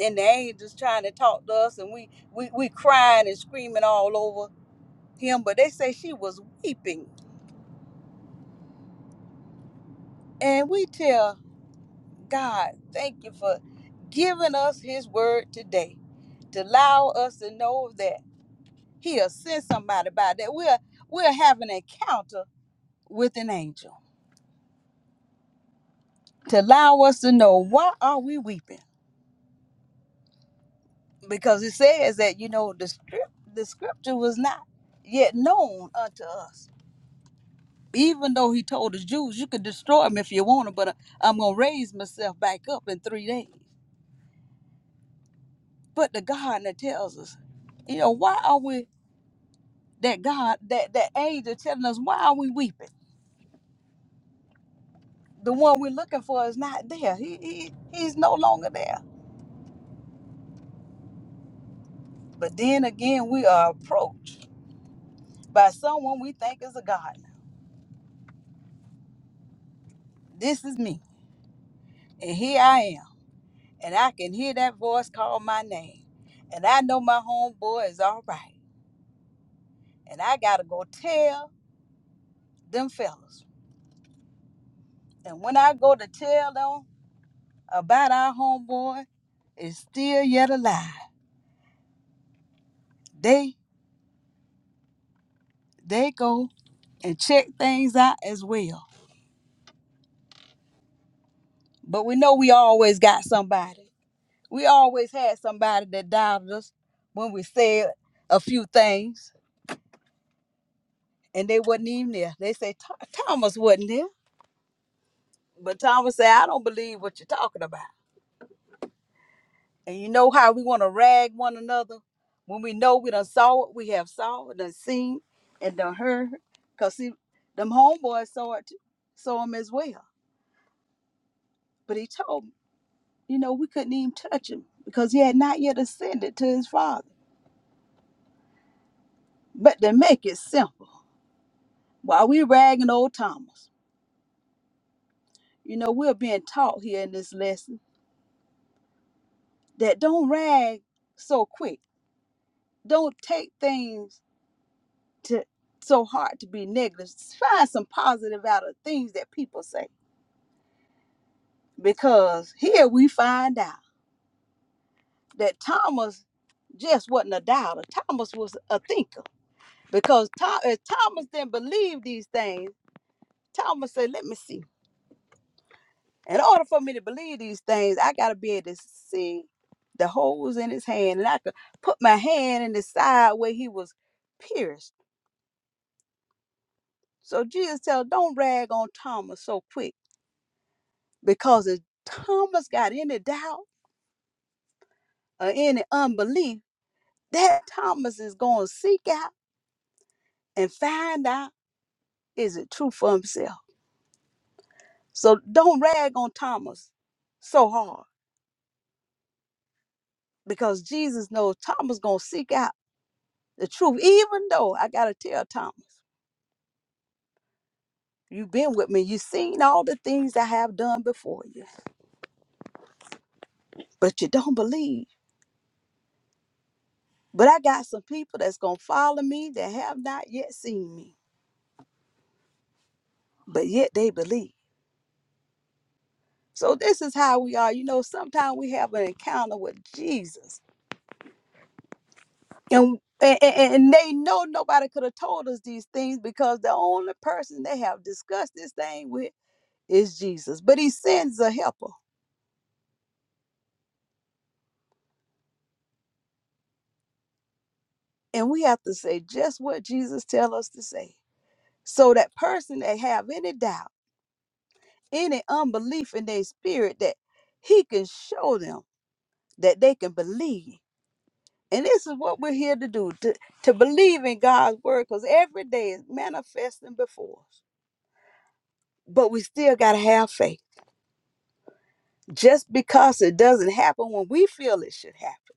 Speaker 3: And the angels trying to talk to us, and we, we, we crying and screaming all over him, but they say she was weeping. And we tell God, thank you for giving us his word today to allow us to know that he'll send somebody by that we'll we'll have an encounter with an angel to allow us to know why are we weeping because it says that you know the script the scripture was not yet known unto us even though he told the jews you could destroy them if you want to but uh, i'm gonna raise myself back up in three days But the God that tells us, you know, why are we that God, that that angel telling us why are we weeping? The one we're looking for is not there. He, he he's no longer there. But then again, we are approached by someone we think is a God. This is me, and here I am, and I can hear that voice call my name, and I know my homeboy is all right, and I gotta go tell them fellas. And when I go to tell them about our homeboy, is still yet alive. they they go and check things out as well. But we know we always got somebody. We always had somebody that doubted us when we said a few things, and they wasn't even there. They say "Tho- Thomas wasn't there, but Thomas said, "I don't believe what you're talking about." And you know how we want to rag one another when we know we done saw it, we have saw it, done seen, and done heard. Cause see, them homeboys saw it, too, saw him as well. But he told me. you know, we couldn't even touch him because he had not yet ascended to his father. But to make it simple, while we ragging old Thomas, you know, we're being taught here in this lesson that don't rag so quick. Don't take things to so hard to be negative. Find some positive out of things that people say. Because here we find out that Thomas just wasn't a doubter. Thomas was a thinker because Tom, Thomas didn't believe these things. Thomas said, "Let me see. In order for me to believe these things, I gotta be able to see the holes in his hand, and I could put my hand in the side where he was pierced. So Jesus tell, don't rag on Thomas so quick, because if Thomas got any doubt or any unbelief, that Thomas is gonna seek out and find out is it true for himself. So don't rag on Thomas so hard, because Jesus knows Thomas gonna seek out the truth, even though I gotta tell Thomas. You've been with me. You've seen all the things I have done before you, but you don't believe. But I got some people that's going to follow me that have not yet seen me, but yet they believe. So this is how we are. You know, sometimes we have an encounter with Jesus. And, and, and and they know nobody could have told us these things because the only person they have discussed this thing with is Jesus. But he sends a helper. And we have to say just what Jesus tell us to say. So that person that have any doubt any unbelief in their spirit that he can show them that they can believe. And this is what we're here to do to, to believe in God's word because every day is manifesting before us. But we still got to have faith. Just because it doesn't happen when we feel it should happen,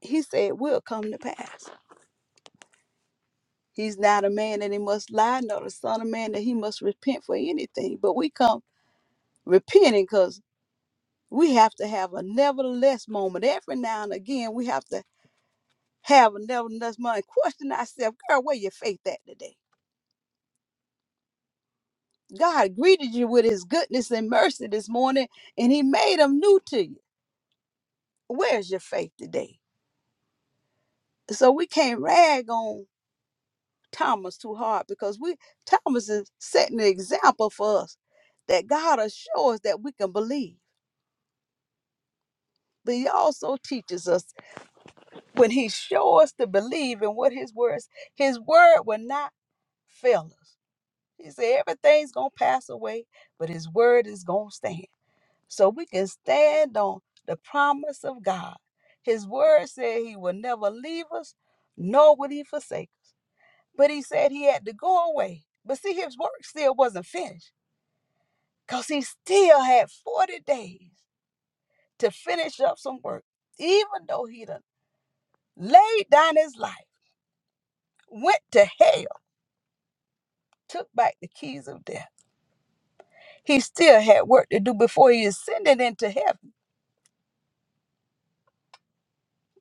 Speaker 3: he said it will come to pass. He's not a man that he must lie, nor the son of man that he must repent for anything. But we come repenting because we have to have a nevertheless moment. Every now and again, we have to have a nevertheless mind. Question thyself, girl, where your faith at today? God greeted you with his goodness and mercy this morning, and he made them new to you. Where's your faith today? So we can't rag on Thomas too hard because we Thomas is setting an example for us that God assures that we can believe. But he also teaches us when he shows us to believe in what his words, his word will not fail us. He said everything's gonna pass away, but his word is gonna stand. so we can stand on the promise of God. His word said he will never leave us, nor would he forsake us. But he said he had to go away. But see, his work still wasn't finished because he still had 40 days to finish up some work, even though he done laid down his life, went to hell, took back the keys of death. He still had work to do before he ascended into heaven.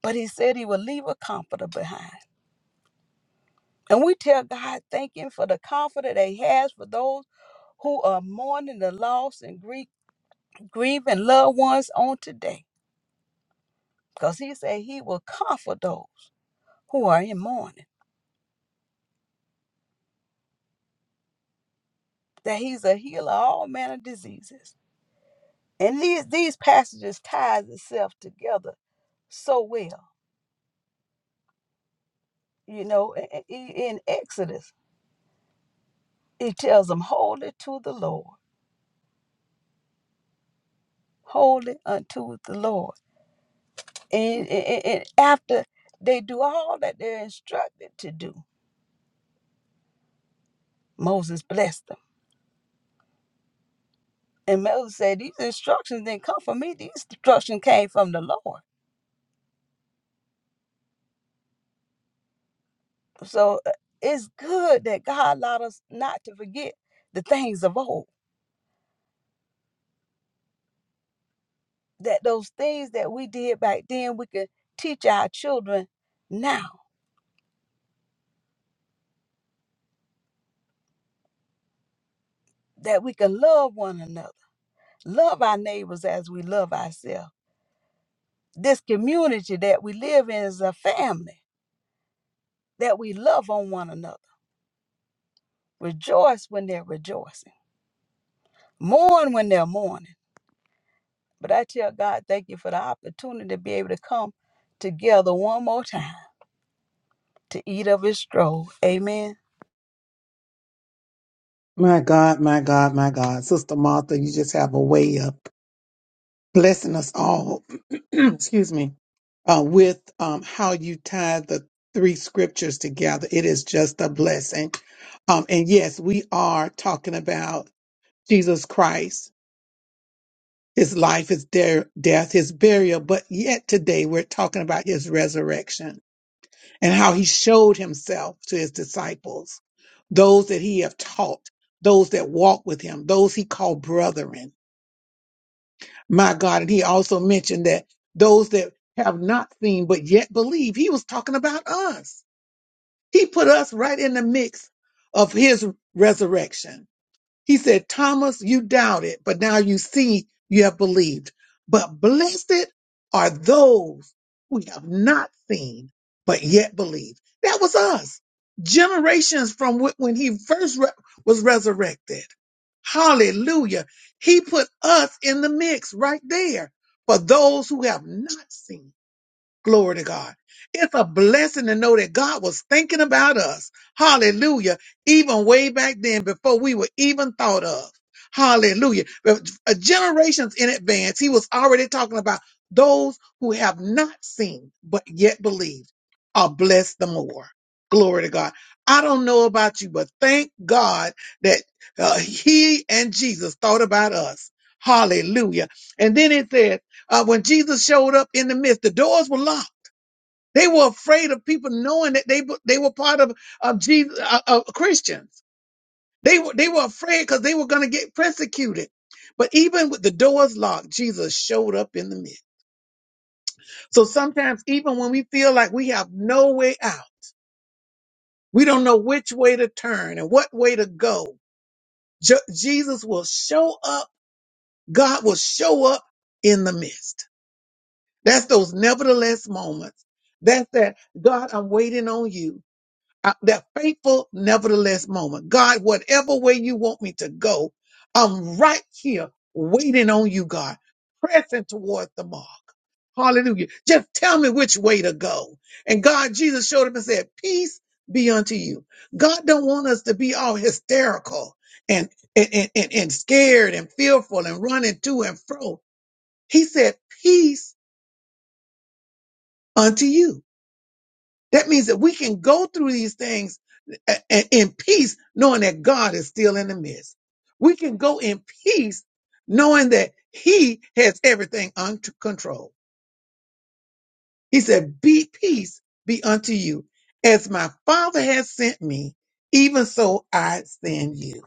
Speaker 3: But he said he would leave a comforter behind. And we tell God, thank Him for the comfort that He has for those who are mourning the loss and grief, grieving loved ones on today. Because He said He will comfort those who are in mourning, that He's a healer of all manner of diseases. And these, these passages ties itself together so well. You know, i- i- in Exodus, He tells them, hold it to the Lord, hold it unto the Lord. and, and, and after they do all that they're instructed to do, Moses blessed them. And Moses said, These instructions didn't come from me, these instructions came from the Lord. So uh, it's good that God allowed us not to forget the things of old, that those things that we did back then, we can teach our children now, that we can love one another, love our neighbors as we love ourselves. This community that we live in is a family, that we love on one another Rejoice when they're rejoicing. Mourn when they're mourning. But I tell God, thank you for the opportunity to be able to come together one more time to eat of his stroll. Amen.
Speaker 1: My God, my God, my God. Sister Martha, you just have a way of blessing us all, excuse me, uh, with um, how you tie the three scriptures together. It is just a blessing. Um, and yes, we are talking about Jesus Christ his life, his de- death, his burial, but yet today we're talking about his resurrection and how he showed himself to his disciples, those that he have taught, those that walk with him, those he called brethren. My God. And he also mentioned that those that have not seen but yet believe, he was talking about us. He put us right in the mix of his resurrection. He said, Thomas, you doubted, but now you see you have believed. But blessed are those who have not seen, but yet believe. That was us, generations from wh- when he first re- was resurrected. Hallelujah. He put us in the mix right there for those who have not seen Glory to God. It's a blessing to know that God was thinking about us. Hallelujah. Even way back then before we were even thought of. Hallelujah. But uh, Generations in advance, he was already talking about those who have not seen but yet believe are blessed the more. Glory to God. I don't know about you, but thank God that uh, he and Jesus thought about us. Hallelujah. And then it says, uh, when Jesus showed up in the midst, the doors were locked. They were afraid of people knowing that they they were part of of Jesus uh, uh, Christians. They were they were afraid because they were going to get persecuted. But even with the doors locked, Jesus showed up in the midst. So sometimes, even when we feel like we have no way out, we don't know which way to turn and what way to go. Je- Jesus will show up. God will show up in the midst. That's those nevertheless moments. That's that, God, I'm waiting on you. I- that faithful nevertheless moment. God, whatever way you want me to go, I'm right here waiting on you, God, pressing towards the mark. Hallelujah. Just tell me which way to go. And God, Jesus showed up and said, peace be unto you. God don't want us to be all hysterical and, and, and, and and scared and fearful and running to and fro. He said, peace unto you That means that we can go through these things a- a- in peace, knowing that God is still in the midst. We can go in peace, knowing that He has everything under control. He said, Be peace be unto you. As my Father has sent me, even so I send you.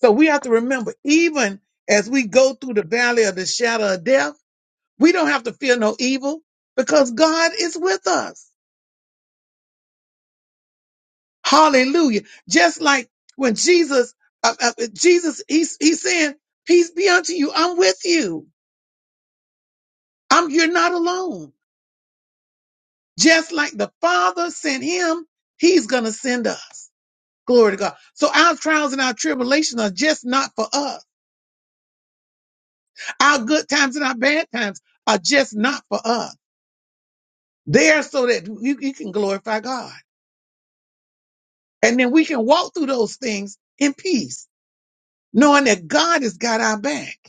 Speaker 1: So we have to remember, even as we go through the valley of the shadow of death, we don't have to fear no evil because God is with us. Hallelujah. Just like when Jesus, uh, uh, uh, Jesus, he's, he's saying, peace be unto you. I'm with you. I'm, you're not alone. Just like the Father sent him, he's going to send us. Glory to God. So our trials and our tribulations are just not for us. Our good times and our bad times are just not for us. They're so that you, you can glorify God. And then we can walk through those things in peace, knowing that God has got our back.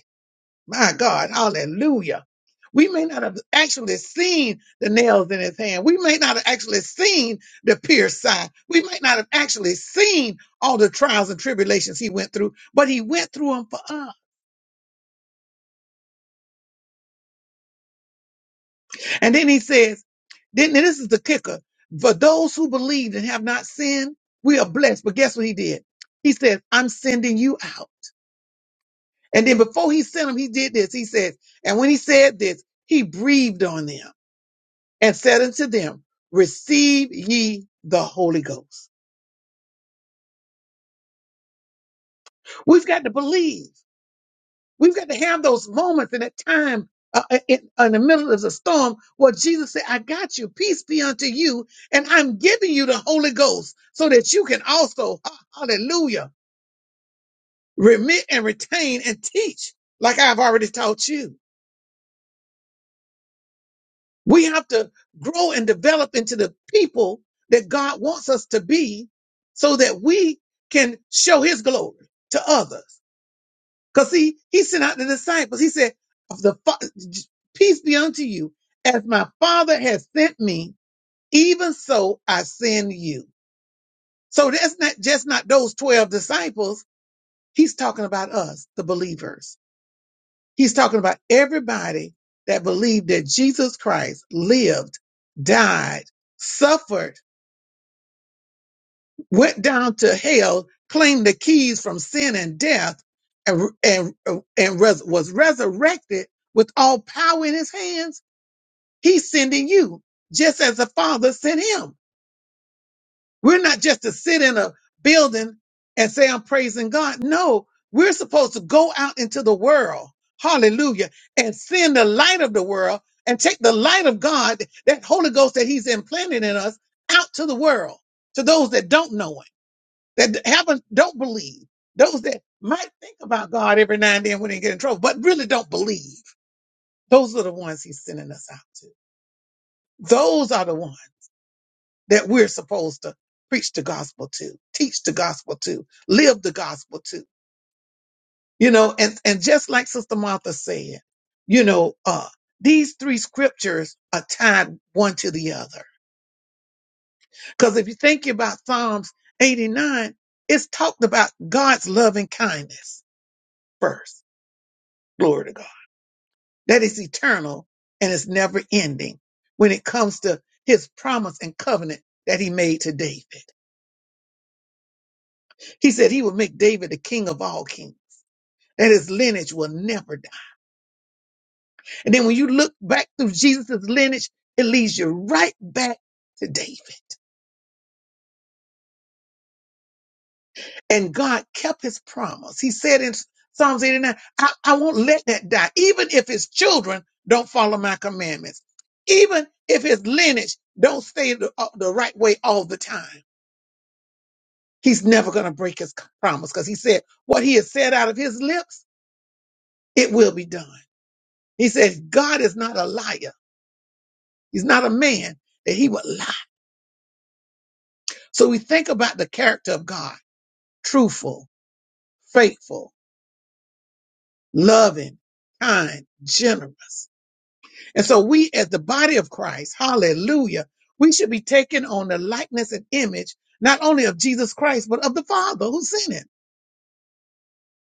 Speaker 1: My God, hallelujah. We may not have actually seen the nails in his hand. We may not have actually seen the pierced side. We might not have actually seen all the trials and tribulations he went through, but he went through them for us. And then he says, then and this is the kicker. For those who believed and have not sinned, we are blessed. But guess what he did? He said, I'm sending you out. And then before he sent them, he did this. He says, and when he said this, he breathed on them. and said unto them, Receive ye the Holy Ghost. We've got to believe. We've got to have those moments in that time uh, uh, in, in the middle of the storm where Jesus said, I got you. Peace be unto you. And I'm giving you the Holy Ghost so that you can also, ha- hallelujah, remit and retain and teach like I've already taught you. We have to grow and develop into the people that God wants us to be so that we can show his glory to others. Cause see, he sent out the disciples. He said, of the fa- peace be unto you. As my father has sent me, even so I send you. So that's not just not those 12 disciples. He's talking about us, the believers. He's talking about everybody that believed that Jesus Christ lived, died, suffered, went down to hell, claimed the keys from sin and death, and, and, and res- was resurrected with all power in his hands. He's sending you just as the Father sent him. We're not just to sit in a building and say, I'm praising God. No, we're supposed to go out into the world, hallelujah, and send the light of the world and take the light of God, that Holy Ghost that He's implanted in us, out to the world, to those that don't know Him, that haven't, don't believe, those that might think about God every now and then when they get in trouble, but really don't believe. Those are the ones He's sending us out to. Those are the ones that we're supposed to preach the gospel to, teach the gospel to, live the gospel to. You know, and, and just like Sister Martha said, you know, uh, these three scriptures are tied one to the other. Because if you think about Psalms 89, it's talked about God's loving kindness first. Glory to God. That is eternal and it's never ending when it comes to his promise and covenant that he made to David. He said he would make David the king of all kings. that his lineage will never die. And then when you look back through Jesus' lineage, it leads you right back to David. And God kept his promise. He said in Psalms 89, I, I won't let that die, even if his children don't follow my commandments, even if his lineage don't stay the, uh, the right way all the time. He's never going to break his promise because he said what he has said out of his lips, it will be done. He said, God is not a liar. He's not a man that he would lie So we think about the character of God truthful, faithful, loving, kind, generous. And so we, as the body of Christ, hallelujah, we should be taking on the likeness and image not only of Jesus Christ, but of the Father who sent him.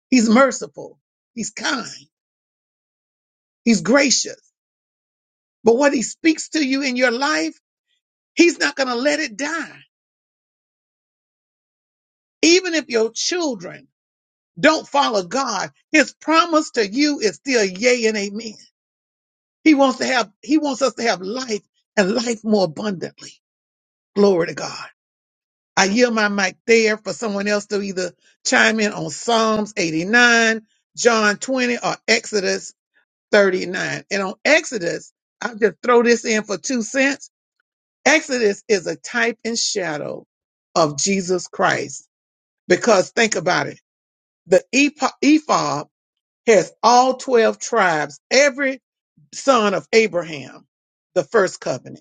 Speaker 1: He's merciful, he's kind, he's gracious. But what he speaks to you in your life, he's not going to let it die. Even if your children don't follow God, his promise to you is still yea and amen. He wants to have, he wants us to have life and life more abundantly. Glory to God. I yield my mic there for someone else to either chime in on Psalms 89, John 20, or Exodus 39. And on Exodus, I'll just throw this in for two cents. Exodus is a type and shadow of Jesus Christ. Because think about it. The epo- ephod has all 12 tribes, every son of Abraham, the first covenant.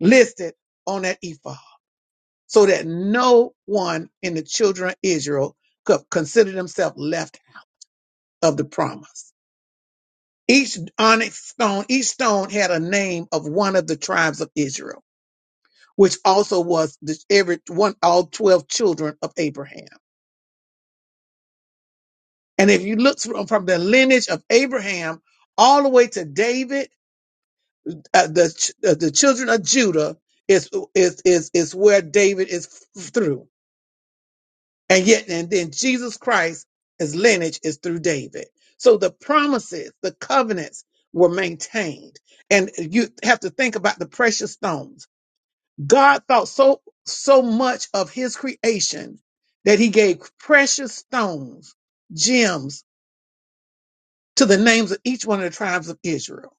Speaker 1: listed on that ephod so that no one in the children of Israel could consider themselves left of the promise. Each onyx stone, each stone had a name of one of the tribes of Israel, which also was the, every one, all 12 children of Abraham. And if you look from, from the lineage of Abraham all the way to David, uh, the, ch- uh, the children of Judah is, is, is, is where David is f- through. And yet, and then Jesus Christ, his lineage is through David. So the promises, the covenants were maintained. And you have to think about the precious stones. God thought so, so much of his creation that he gave precious stones, gems to the names of each one of the tribes of Israel.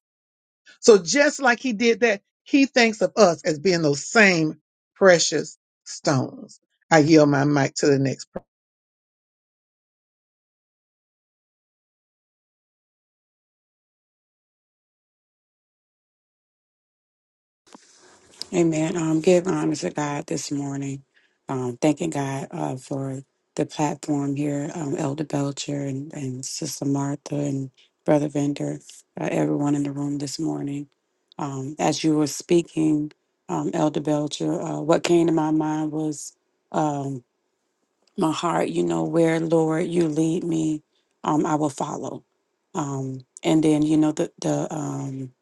Speaker 1: So just like he did that, he thinks of us as being those same precious stones. I yield my mic to the next. person.
Speaker 4: Amen. Um, give honor to God this morning. Um, thanking God uh, for the platform here, um, Elder Belcher and, and Sister Martha and Brother Vender, uh, everyone in the room this morning. Um, as you were speaking, um, Elder Belcher, uh, what came to my mind was um, my heart, you know, where Lord you lead me, um, I will follow. Um, and then, you know, the the um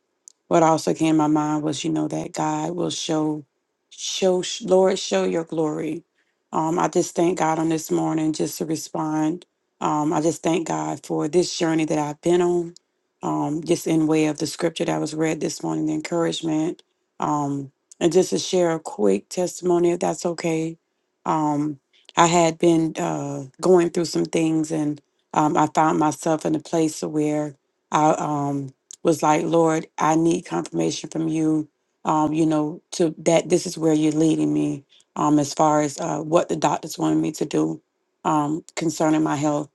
Speaker 4: what also came to my mind was, you know, that God will show, show, Lord, show your glory. Um, I just thank God on this morning just to respond. Um, I just thank God for this journey that I've been on, um, just in way of the scripture that was read this morning, the encouragement. Um, and just to share a quick testimony, if that's okay. Um, I had been uh, going through some things and um, I found myself in a place where. I um was like, Lord, I need confirmation from you, um, you know, to that this is where you're leading me, um, as far as uh, what the doctors wanted me to do, um, concerning my health.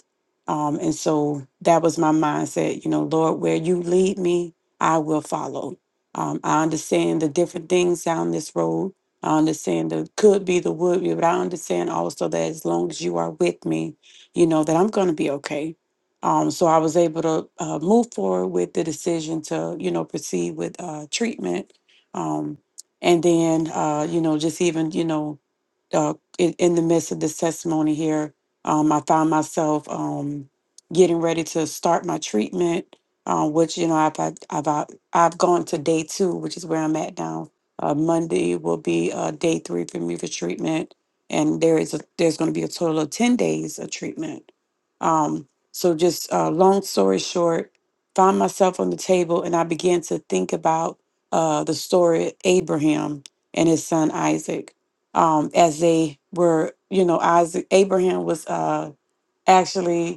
Speaker 4: Um, and so that was my mindset, you know, Lord, where you lead me, I will follow. Um, I understand the different things down this road. I understand the could be, the would be, but I understand also that as long as you are with me, you know, that I'm going to be okay um, so I was able to uh, move forward with the decision to, you know, proceed with uh, treatment. Um, and then, uh, you know, just even, you know, uh, in, in the midst of this testimony here, um, I found myself um, getting ready to start my treatment, uh, which you know I've, had- I've out- I've gone to day two, which is where I'm at now. Uh, Monday will be uh, day three for me for treatment, and there is a, there's going to be a total of ten days of treatment. Um, so just uh, long story short, found myself on the table, and I began to think about uh, the story of Abraham and his son Isaac um, as they were, you know, Isaac, Abraham was uh, actually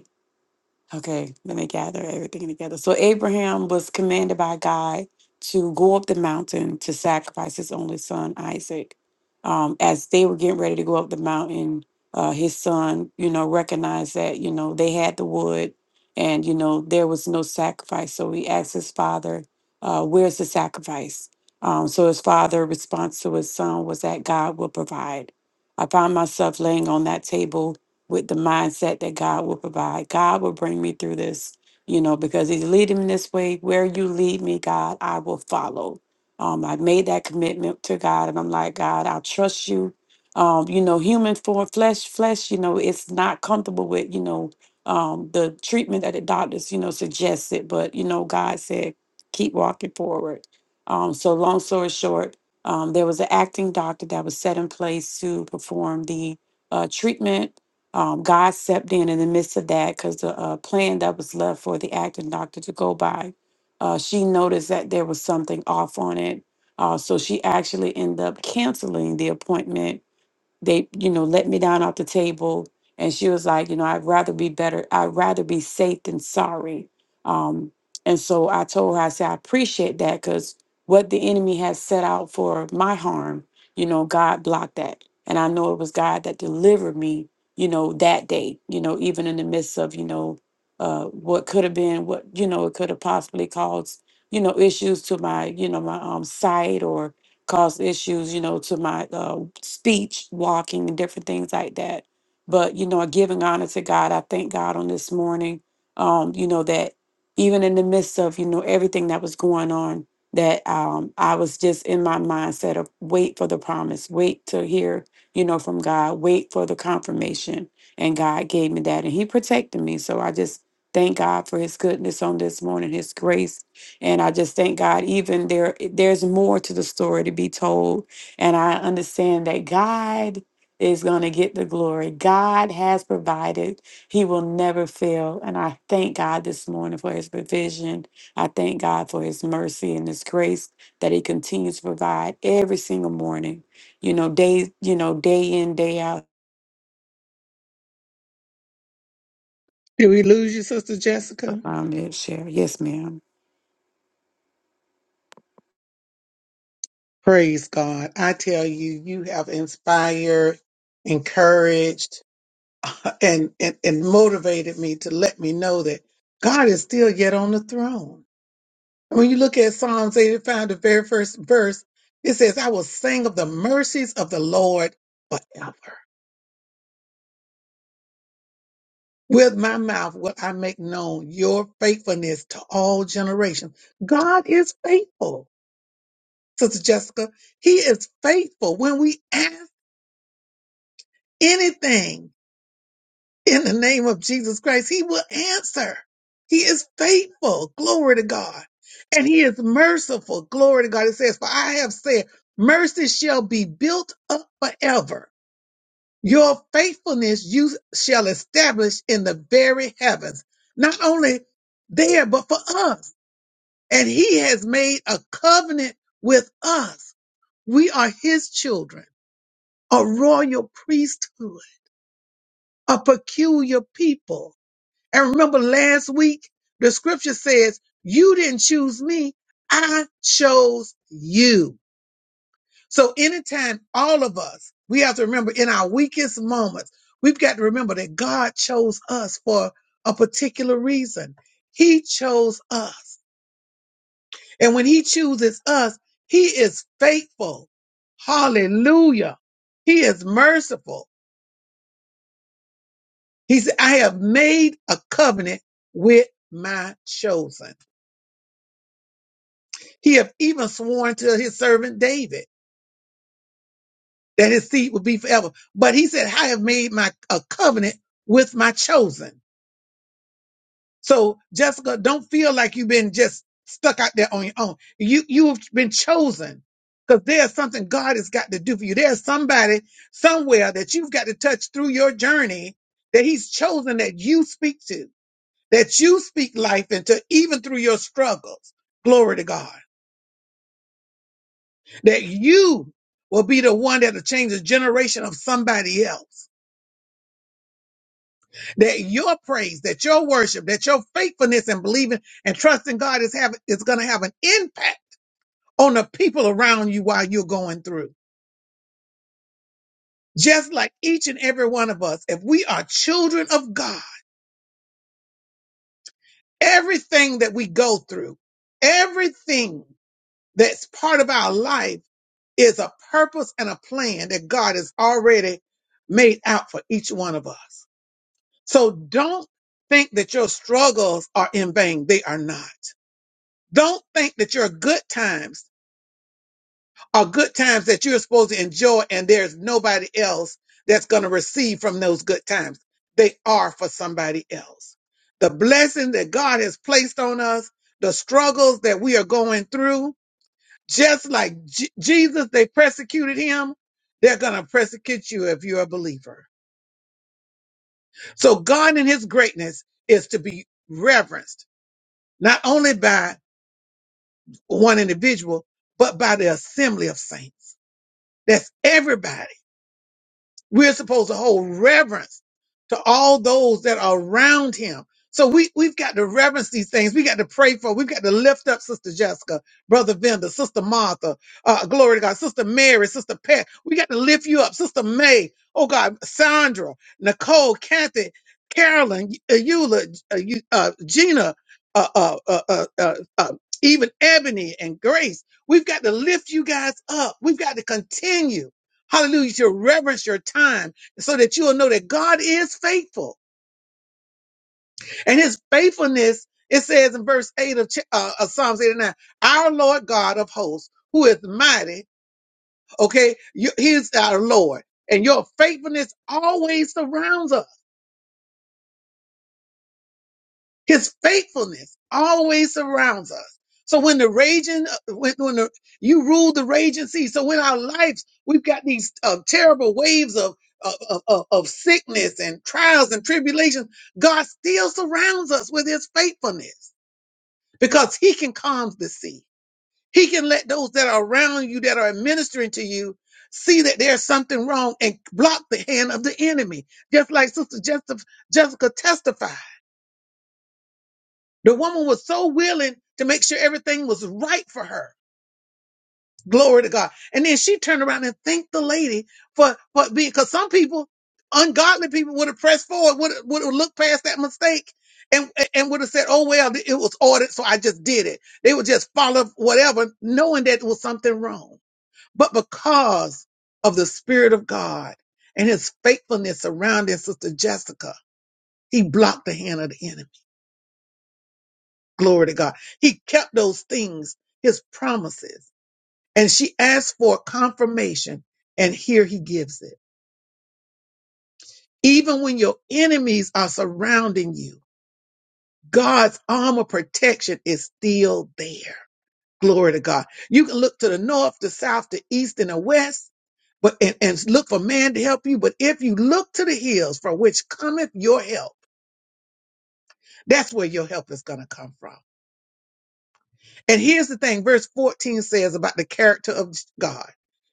Speaker 4: Okay, let me gather everything together. So Abraham was commanded by God to go up the mountain to sacrifice his only son Isaac. Um, as they were getting ready to go up the mountain, uh, his son, you know, recognized that you know they had the wood, and you know there was no sacrifice. So he asked his father, uh, "Where's the sacrifice?" Um, so his father' response to his son was that God will provide. I found myself laying on that table with the mindset that God will provide. God will bring me through this, you know, because He's leading me this way. Where you lead me, God, I will follow. Um, I made that commitment to God, and I'm like, God, I'll trust you. Um, you know, human form, flesh, flesh, you know, it's not comfortable with, you know, um, the treatment that the doctors, you know, suggested. But, you know, God said, keep walking forward. Um, so, long story short, um, there was an acting doctor that was set in place to perform the uh, treatment um, God stepped in in the midst of that because the uh, plan that was left for the acting doctor to go by, uh, she noticed that there was something off on it. Uh, so she actually ended up canceling the appointment they you know let me down off the table and she was like you know i'd rather be better i'd rather be safe than sorry um and so i told her i said i appreciate that because what the enemy has set out for my harm you know god blocked that and i know it was god that delivered me you know that day you know even in the midst of you know uh what could have been what you know it could have possibly caused you know issues to my you know my um sight or caused issues, you know, to my uh, speech, walking, and different things like that. But you know, giving honor to God, I thank God on this morning. Um, you know that even in the midst of you know everything that was going on, that um, I was just in my mindset of wait for the promise, wait to hear, you know, from God, wait for the confirmation, and God gave me that, and He protected me. So I just thank God for His goodness on this morning, His grace and I just thank God, even there, there's more to the story to be told. And I understand that God is going to get the glory. God has provided, He will never fail. And I thank God this morning for His provision. I thank God for His mercy and His grace that He continues to provide every single morning, you know, day, you know, day in, day out.
Speaker 1: Did we lose you, Sister Jessica?
Speaker 4: Um, yeah, share. Yes, ma'am.
Speaker 1: Praise God. I tell you, you have inspired, encouraged, and, and, and motivated me to let me know that God is still yet on the throne. And When you look at Psalms 85, the very first verse, it says, I will sing of the mercies of the Lord forever. With my mouth will I make known your faithfulness to all generations. God is faithful, Sister Jessica. He is faithful when we ask anything. in the name of Jesus Christ. He will answer. He is faithful. Glory to God. And he is merciful. Glory to God. It says, For I have said, mercy shall be built up forever. Your faithfulness you shall establish in the very heavens. Not only there, but for us. And he has made a covenant with us. We are his children, a royal priesthood, a peculiar people And remember last week, the scripture says, You didn't choose me, I chose you. So, anytime all of us, we have to remember in our weakest moments, we've got to remember that God chose us for a particular reason. He chose us. And when He chooses us, He is faithful. Hallelujah. He is merciful. He said, I have made a covenant with my chosen. He have even sworn to his servant David that his seed would be forever. But he said, I have made my a covenant with my chosen. So Jessica, don't feel like you've been just stuck out there on your own. You you've been chosen because there's something God has got to do for you. There's somebody somewhere that you've got to touch through your journey that He's chosen that you speak to, that you speak life into, even through your struggles. Glory to God. that you will be the one that'll change the generation of somebody else. That your praise, that your worship, that your faithfulness and believing and trusting God is having is gonna have an impact on the people around you while you're going through. Just like each and every one of us, if we are children of God, everything that we go through, everything that's part of our life is a purpose and a plan that God has already made out for each one of us. So don't think that your struggles are in vain. They are not. Don't think that your good times are good times that you're supposed to enjoy and there's nobody else that's going to receive from those good times. They are for somebody else. The blessing that God has placed on us, the struggles that we are going through, just like J- Jesus, they persecuted him. They're going to persecute you if you're a believer. So God in his greatness is to be reverenced not only by one individual, but by the assembly of saints. That's everybody. We're supposed to hold reverence to all those that are around him. So we, we've got to reverence these things. We got to pray for, we've got to lift up Sister Jessica, Brother Venda, Sister Martha, uh, glory to God, Sister Mary, Sister Pat. We got to lift you up, Sister May, oh God, Sandra, Nicole, Kathy, Carolyn, uh, Eula, uh, you- uh, Gina, uh, uh, uh, uh, uh, uh, even Ebony and Grace. We've got to lift you guys up. We've got to continue. Hallelujah. You should reverence your time so that you will know that God is faithful. And his faithfulness, it says in verse 8 of, Ch- uh, of Psalms 89, our Lord God of hosts, who is mighty, okay, you, he is our Lord. And your faithfulness always surrounds us. His faithfulness always surrounds us. So when the raging, when, when the, you rule the raging sea, so in our lives we've got these uh, terrible waves of of, of of of sickness and trials and tribulations. God still surrounds us with His faithfulness because He can calm the sea. He can let those that are around you that are administering to you see that there's something wrong and block the hand of the enemy, just like Sister Jessica, Jessica testified. The woman was so willing to make sure everything was right for her. Glory to God. And then she turned around and thanked the lady for, for being, cause some people, ungodly people would have pressed forward, would have, would have looked past that mistake and, and would have said, Oh, well, it was ordered. So I just did it. They would just follow whatever, knowing that it was something wrong. But because of the spirit of God and his faithfulness surrounding Sister Jessica, he blocked the hand of the enemy. Glory to God. He kept those things, his promises. And she asked for confirmation, and here he gives it. Even when your enemies are surrounding you, God's arm of protection is still there. Glory to God. You can look to the north, the south, the east, and the west, but and, and look for man to help you. But if you look to the hills from which cometh your help, that's where your help is going to come from. And here's the thing, verse 14 says about the character of God.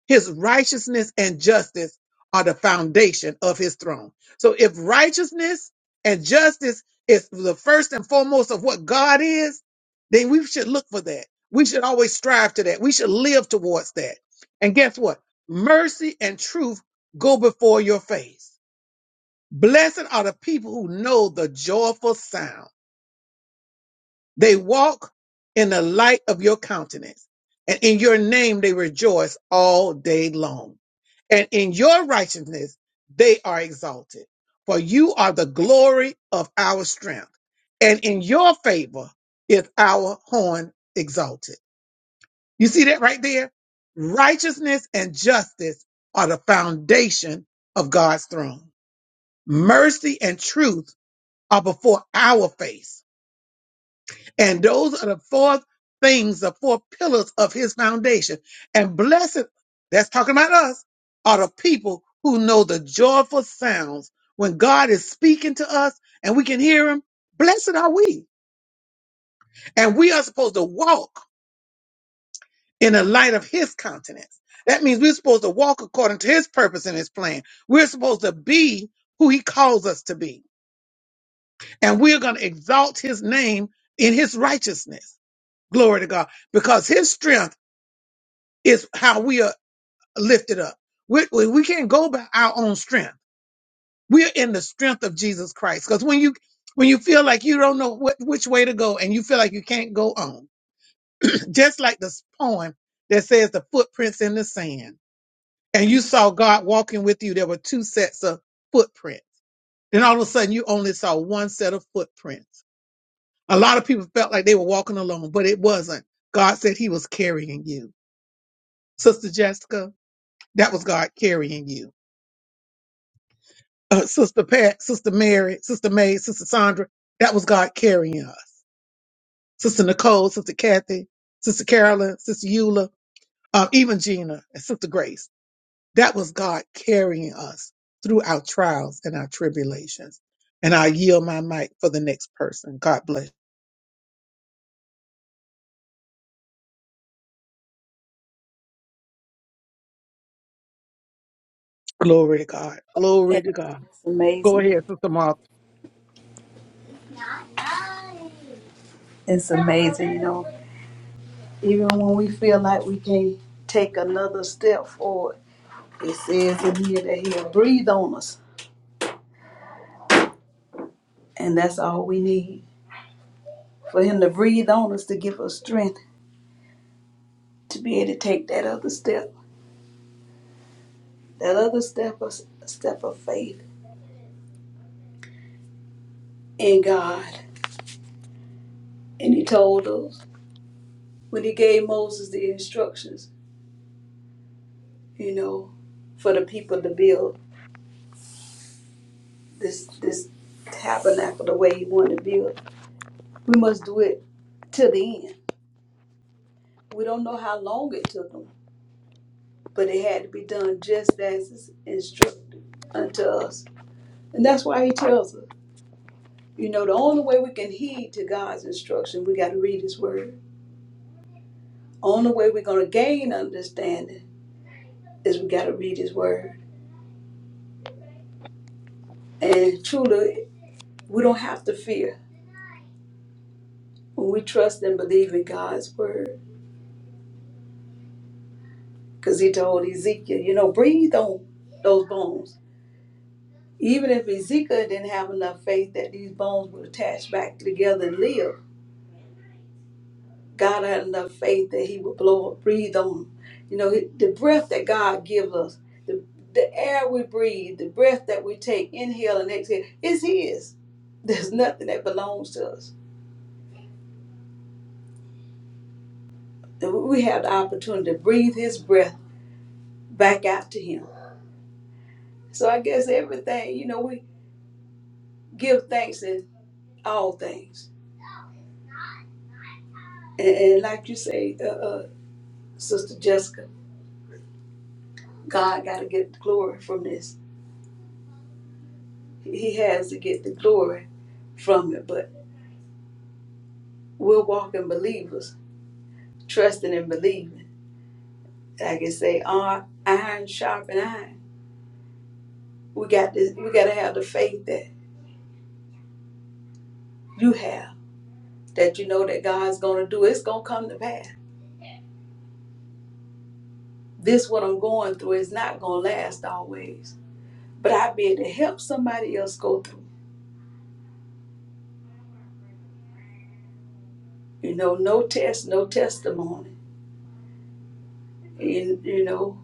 Speaker 1: His righteousness and justice are the foundation of his throne. So if righteousness and justice is the first and foremost of what God is, then we should look for that. We should always strive to that. We should live towards that. And guess what? Mercy and truth go before your face. Blessed are the people who know the joyful sound. They walk in the light of your countenance, and in your name they rejoice all day long. And in your righteousness they are exalted, for you are the glory of our strength, and in your favor is our horn exalted. You see that right there? Righteousness and justice are the foundation of God's throne. Mercy and truth are before our face And those are the four things, the four pillars of his foundation. And blessed, that's talking about us, are the people who know the joyful sounds when God is speaking to us and we can hear him. Blessed are we. And we are supposed to walk in the light of his countenance. That means we're supposed to walk according to his purpose and his plan. We're supposed to be who he calls us to be. And we're going to exalt his name in his righteousness. Glory to God. Because his strength is how we are lifted up. We, we we can't go by our own strength. We're in the strength of Jesus Christ. Because when you when you feel like you don't know what, which way to go and you feel like you can't go on, just like this poem that says the footprints in the sand, and you saw God walking with you, there were two sets of footprints. Then all of a sudden, you only saw one set of footprints. A lot of people felt like they were walking alone, but it wasn't. God said He was carrying you, Sister Jessica. That was God carrying you uh, Sister Pat, Sister Mary, Sister May, Sister Sandra. That was God carrying us. Sister Nicole, Sister Kathy, Sister Carolyn, Sister Eula, uh, even Gina and Sister Grace. That was God carrying us through our trials and our tribulations. And I yield my mic for the next person. God bless. Glory to God. Glory
Speaker 3: It's
Speaker 1: to God. Go
Speaker 3: amazing.
Speaker 1: ahead, Sister Martha.
Speaker 3: It's amazing, you know. Even when we feel like we can't take another step forward, it says in here that He'll breathe on us. And that's all we need for Him to breathe on us to give us strength to be able to take that other step. that other step of, step of faith in God. And he told us when he gave Moses the instructions, you know, for the people to build this this tabernacle the way he wanted to build, we must do it to the end. We don't know how long it took them, but it had to be done just as it's instructed unto us. And that's why he tells us, you know, the only way we can heed to God's instruction, we got to read his word. Only way we're going to gain understanding is we got to read his word. And truly, we don't have to fear when we trust and believe in God's word. Because he told Ezekiel, you know, breathe on those bones. Even if Ezekiel didn't have enough faith that these bones would attach back together and live, God had enough faith that he would blow up, breathe on them. You know, the breath that God gives us, the, the air we breathe, the breath that we take, inhale and exhale, is his. There's nothing that belongs to us. that we have the opportunity to breathe his breath back out to him. So I guess everything, you know, we give thanks in all things. And, and like you say, uh, uh, Sister Jessica, God got to get the glory from this. He has to get the glory from it. But we're walking believers, trusting and believing. Like I say, iron, iron sharpen iron. We got this. We got to have the faith that you have, that you know that God's going to do. It's going to come to pass This what I'm going through is not gonna last always. But I be able to help somebody else go through. You know, no test, no testimony. And you know,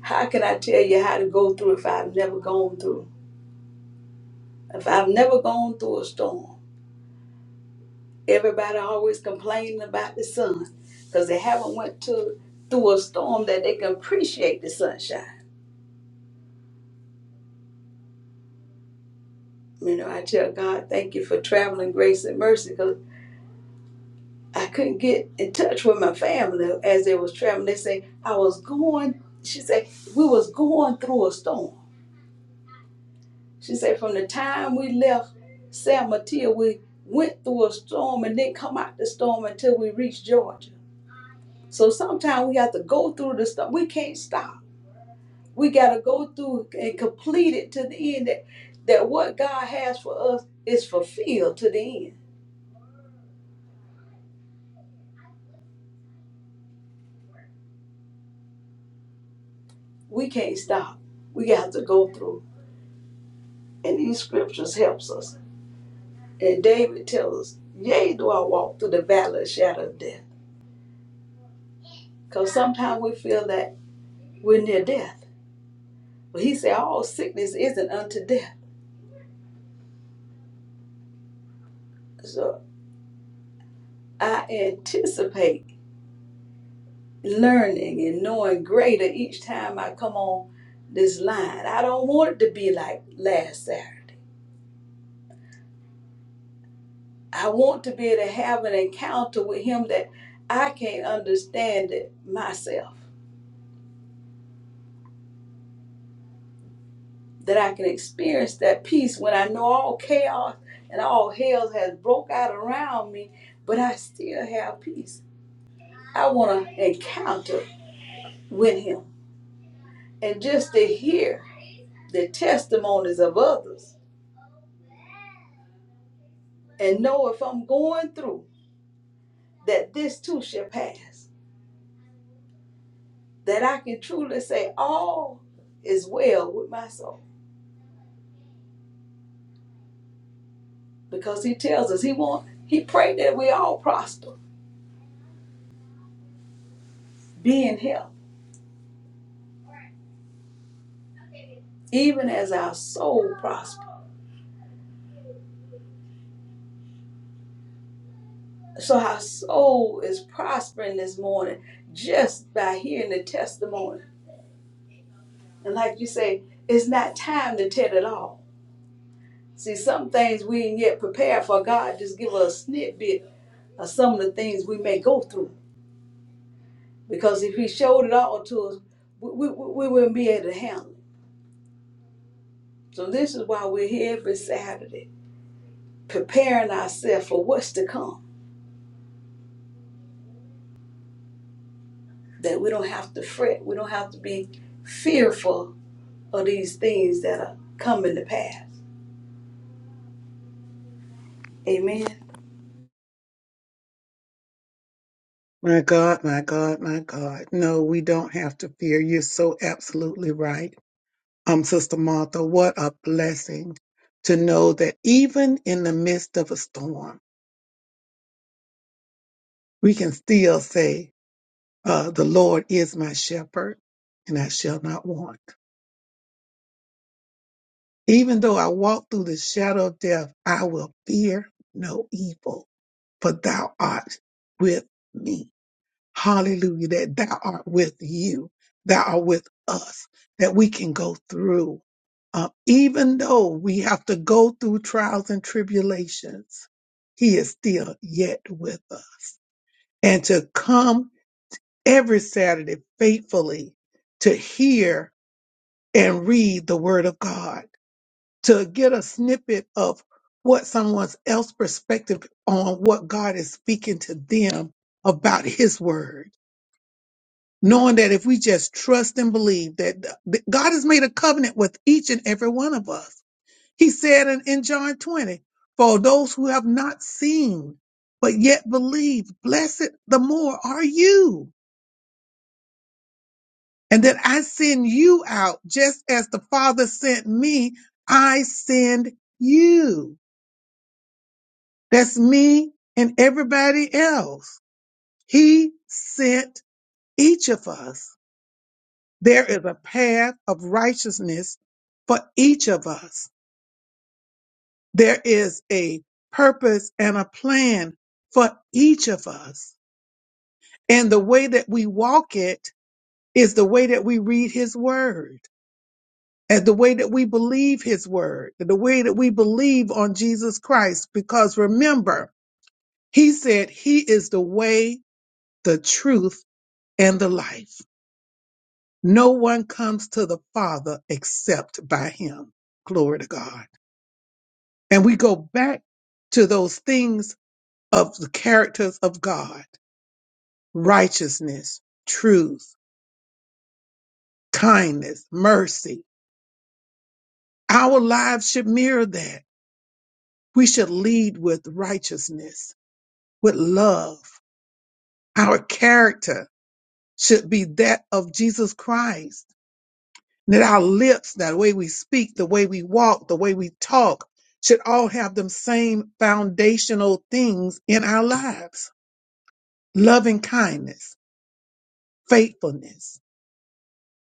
Speaker 3: how can I tell you how to go through if I've never gone through? If I've never gone through a storm, everybody always complaining about the sun because they haven't went to through a storm that they can appreciate the sunshine. You know, I tell God, thank you for traveling grace and mercy 'cause I couldn't get in touch with my family as they was traveling. They say I was going. She said we was going through a storm. She said from the time we left San Mateo, we went through a storm and didn't come out the storm until we reached Georgia. So sometimes we have to go through the storm. We can't stop. We got to go through and complete it to the end. That that what God has for us is fulfilled to the end. We can't stop. We got to go through, and these scriptures helps us. And David tells us, Yea, do I walk through the valley of shadow of death. Because sometimes we feel that we're near death. But he said, All sickness isn't unto death. So I anticipate learning and knowing greater each time I come on this line. I don't want it to be like last Saturday. I want to be able to have an encounter with him that I can't understand it myself. that I can experience that peace when I know all chaos and all hell has broke out around me, but I still have peace. I want to encounter with him and just to hear the testimonies of others and know if I'm going through that this too shall pass, that I can truly say all is well with my soul because he tells us he want he prayed that we all prosper, be in health, even as our soul prosper. So our soul is prospering this morning just by hearing the testimony. And like you say, it's not time to tell it all. See, some things we ain't yet prepared for. God just give us a snippet of some of the things we may go through. Because if He showed it all to us, we, we, we wouldn't be able to handle it. So this is why we're here every Saturday, preparing ourselves for what's to come. That we don't have to fret. We don't have to be fearful of these things that are coming to pass Amen.
Speaker 1: My God, my God, my God. No, we don't have to fear. You're so absolutely right. um, Sister Martha, what a blessing to know that even in the midst of a storm, we can still say, uh, the Lord is my shepherd and I shall not want. Even though I walk through the shadow of death, I will fear no evil, for thou art with me. Hallelujah. That thou art with you, thou art with us, that we can go through. Uh, even though we have to go through trials and tribulations, he is still yet with us. And to come every Saturday faithfully to hear and read the word of God, to get a snippet of what someone else's perspective on what God is speaking to them about his word knowing that if we just trust and believe that that God has made a covenant with each and every one of us. He said in, in John 20, for those who have not seen, but yet believe, blessed the more are you. And that I send you out just as the Father sent me, I send you. That's me and everybody else. He sent each of us. There is a path of righteousness for each of us. There is a purpose and a plan for each of us. And the way that we walk it is the way that we read his word and the way that we believe his word, and the way that we believe on Jesus Christ. Because remember, he said he is the way, the truth, and the life. No one comes to the Father except by him. Glory to God. and we go back to those things of the characters of God righteousness, truth, kindness, mercy. Our lives should mirror that. We should lead with righteousness, with love. Our character should be that of Jesus Christ. That our lips, that way we speak, the way we walk, the way we talk, should all have them same foundational things in our lives loving kindness, faithfulness,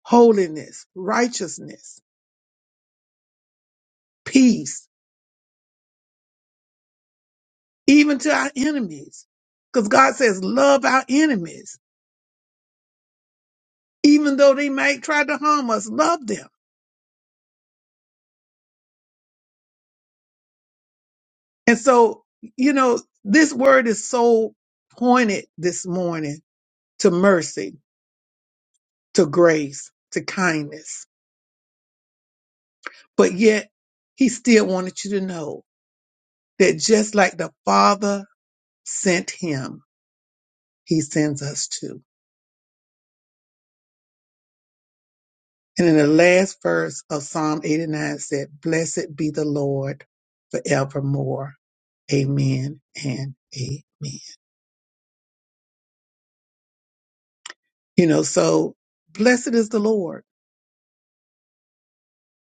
Speaker 1: holiness, righteousness, peace, even to our enemies. Because God says, love our enemies, even though they might try to harm us, love them. And so, you know, this word is so pointed this morning to mercy, to grace, to kindness. But yet, he still wanted you to know that just like the Father sent him, he sends us too. And in the last verse of Psalm 89 said, Blessed be the Lord forevermore. Amen and amen. You know, so blessed is the Lord,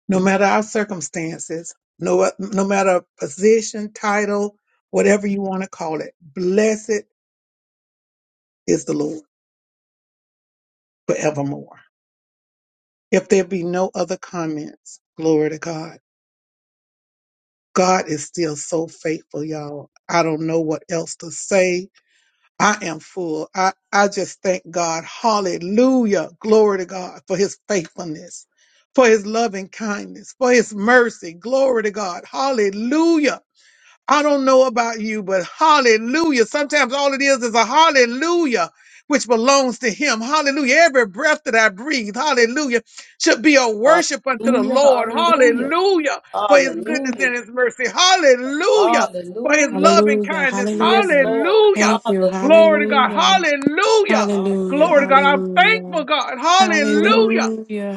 Speaker 1: no matter our circumstances, no, no matter position, title, whatever you want to call it, blessed is the Lord forevermore. If there be no other comments, glory to God. God is still so faithful, y'all. I don't know what else to say I am full. I, I just thank God. Hallelujah. Glory to God for his faithfulness, for his loving kindness, for his mercy. Glory to God. Hallelujah. I don't know about you, but hallelujah. Sometimes all it is is a hallelujah, which belongs to Him. Hallelujah. Every breath that I breathe, hallelujah, should be a worship unto the
Speaker 3: Hallelujah.
Speaker 1: Lord.
Speaker 3: Hallelujah.
Speaker 1: Hallelujah. For His goodness
Speaker 3: Hallelujah.
Speaker 1: and His
Speaker 3: Jesus.
Speaker 1: mercy. Hallelujah. For His
Speaker 3: Hallelujah.
Speaker 1: love and
Speaker 4: Hallelujah.
Speaker 1: kindness.
Speaker 3: Yes,
Speaker 4: Hallelujah.
Speaker 3: Lord.
Speaker 1: Hallelujah.
Speaker 4: Thank you.
Speaker 1: Glory to
Speaker 3: Hallelujah.
Speaker 1: God.
Speaker 4: Hallelujah.
Speaker 1: Hallelujah.
Speaker 4: Hallelujah,
Speaker 1: Glory to
Speaker 3: Hallelujah.
Speaker 1: God. I'm thankful,
Speaker 4: hallelujah,
Speaker 1: God.
Speaker 3: Mm.
Speaker 1: Hallelujah.
Speaker 4: hallelujah,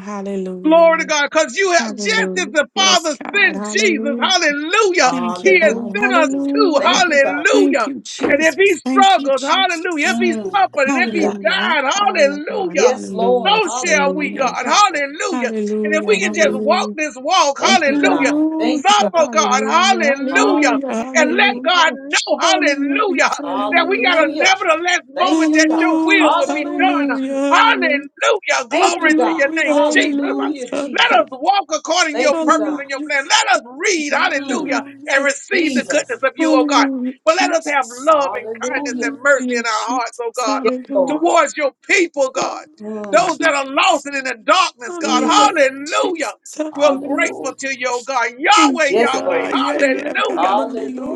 Speaker 1: Glory to
Speaker 4: hallelujah,
Speaker 1: God, because you have just as
Speaker 4: hallelujah.
Speaker 1: the
Speaker 4: Yes,
Speaker 1: Father
Speaker 4: God,
Speaker 1: sent Jesus,
Speaker 4: hallelujah.
Speaker 1: hallelujah,
Speaker 4: Thank you,
Speaker 1: He has
Speaker 3: Hallelujah,
Speaker 4: God,
Speaker 1: sent us
Speaker 3: Jesus.
Speaker 1: too,
Speaker 4: hallelujah.
Speaker 3: Thank you, God.
Speaker 4: Thank
Speaker 1: hallelujah.
Speaker 4: you,
Speaker 1: And if
Speaker 4: Jesus.
Speaker 1: He
Speaker 4: Thank you,
Speaker 1: struggled, hallelujah, if
Speaker 4: Jesus.
Speaker 1: He
Speaker 3: Mm.
Speaker 1: suffered,
Speaker 3: Thank
Speaker 1: and if
Speaker 3: you,
Speaker 1: He
Speaker 3: God.
Speaker 4: Hallelujah.
Speaker 1: died,
Speaker 4: Hallelujah, God,
Speaker 1: hallelujah,
Speaker 3: Yes,
Speaker 1: so
Speaker 3: Lord.
Speaker 4: hallelujah,
Speaker 1: shall we, God,
Speaker 3: Hallelujah,
Speaker 4: hallelujah,
Speaker 3: Jesus.
Speaker 1: hallelujah. And if
Speaker 4: hallelujah,
Speaker 1: we can just
Speaker 3: Mm.
Speaker 1: walk
Speaker 4: hallelujah.
Speaker 1: this walk,
Speaker 3: Thank you,
Speaker 1: hallelujah,
Speaker 3: God.
Speaker 4: Hallelujah,
Speaker 3: Thank you,
Speaker 1: suffer,
Speaker 3: God.
Speaker 1: oh God,
Speaker 4: hallelujah,
Speaker 1: hallelujah,
Speaker 4: hallelujah, hallelujah,
Speaker 1: and
Speaker 3: Hallelujah,
Speaker 1: let
Speaker 3: Jesus.
Speaker 1: God know, hallelujah, that we got a
Speaker 3: Hallelujah.
Speaker 1: nevertheless
Speaker 3: Thank
Speaker 1: moment
Speaker 3: you,
Speaker 1: that
Speaker 3: God.
Speaker 1: your
Speaker 4: hallelujah,
Speaker 1: will will
Speaker 4: hallelujah, hallelujah,
Speaker 1: be
Speaker 3: Hallelujah,
Speaker 1: done,
Speaker 4: hallelujah,
Speaker 3: Jesus.
Speaker 4: hallelujah.
Speaker 1: Hallelujah.
Speaker 3: Thank
Speaker 1: Glory
Speaker 3: you,
Speaker 1: to your
Speaker 3: God.
Speaker 4: Hallelujah,
Speaker 1: name, Jesus.
Speaker 4: hallelujah,
Speaker 3: Hallelujah,
Speaker 1: Let
Speaker 3: Jesus.
Speaker 1: us walk according to
Speaker 4: hallelujah,
Speaker 1: your
Speaker 3: Thank you,
Speaker 1: purpose
Speaker 3: God.
Speaker 1: and your
Speaker 4: hallelujah,
Speaker 1: plan. Let us read,
Speaker 3: Mm,
Speaker 1: hallelujah, and
Speaker 4: hallelujah,
Speaker 1: receive the goodness
Speaker 3: Jesus.
Speaker 1: of you, oh God.
Speaker 4: hallelujah,
Speaker 1: But let us have
Speaker 4: Jesus.
Speaker 1: love and kindness
Speaker 3: Hallelujah.
Speaker 1: and mercy
Speaker 4: Hallelujah,
Speaker 1: in our hearts, oh
Speaker 4: Jesus.
Speaker 1: God,
Speaker 3: Yes,
Speaker 4: Hallelujah,
Speaker 3: Lord.
Speaker 1: towards your people,
Speaker 4: hallelujah,
Speaker 1: God.
Speaker 3: Mm,
Speaker 1: Those that are lost
Speaker 4: Jesus.
Speaker 1: and in the darkness, God,
Speaker 3: Jesus.
Speaker 4: Hallelujah,
Speaker 1: hallelujah.
Speaker 4: Jesus.
Speaker 1: We're
Speaker 4: Hallelujah.
Speaker 1: grateful
Speaker 3: Hallelujah.
Speaker 1: to you, oh God.
Speaker 4: Thank
Speaker 1: Yahweh,
Speaker 4: you,
Speaker 3: Yes,
Speaker 1: Yahweh,
Speaker 4: God.
Speaker 3: Lord.
Speaker 4: Yeah, yeah, God.
Speaker 1: hallelujah.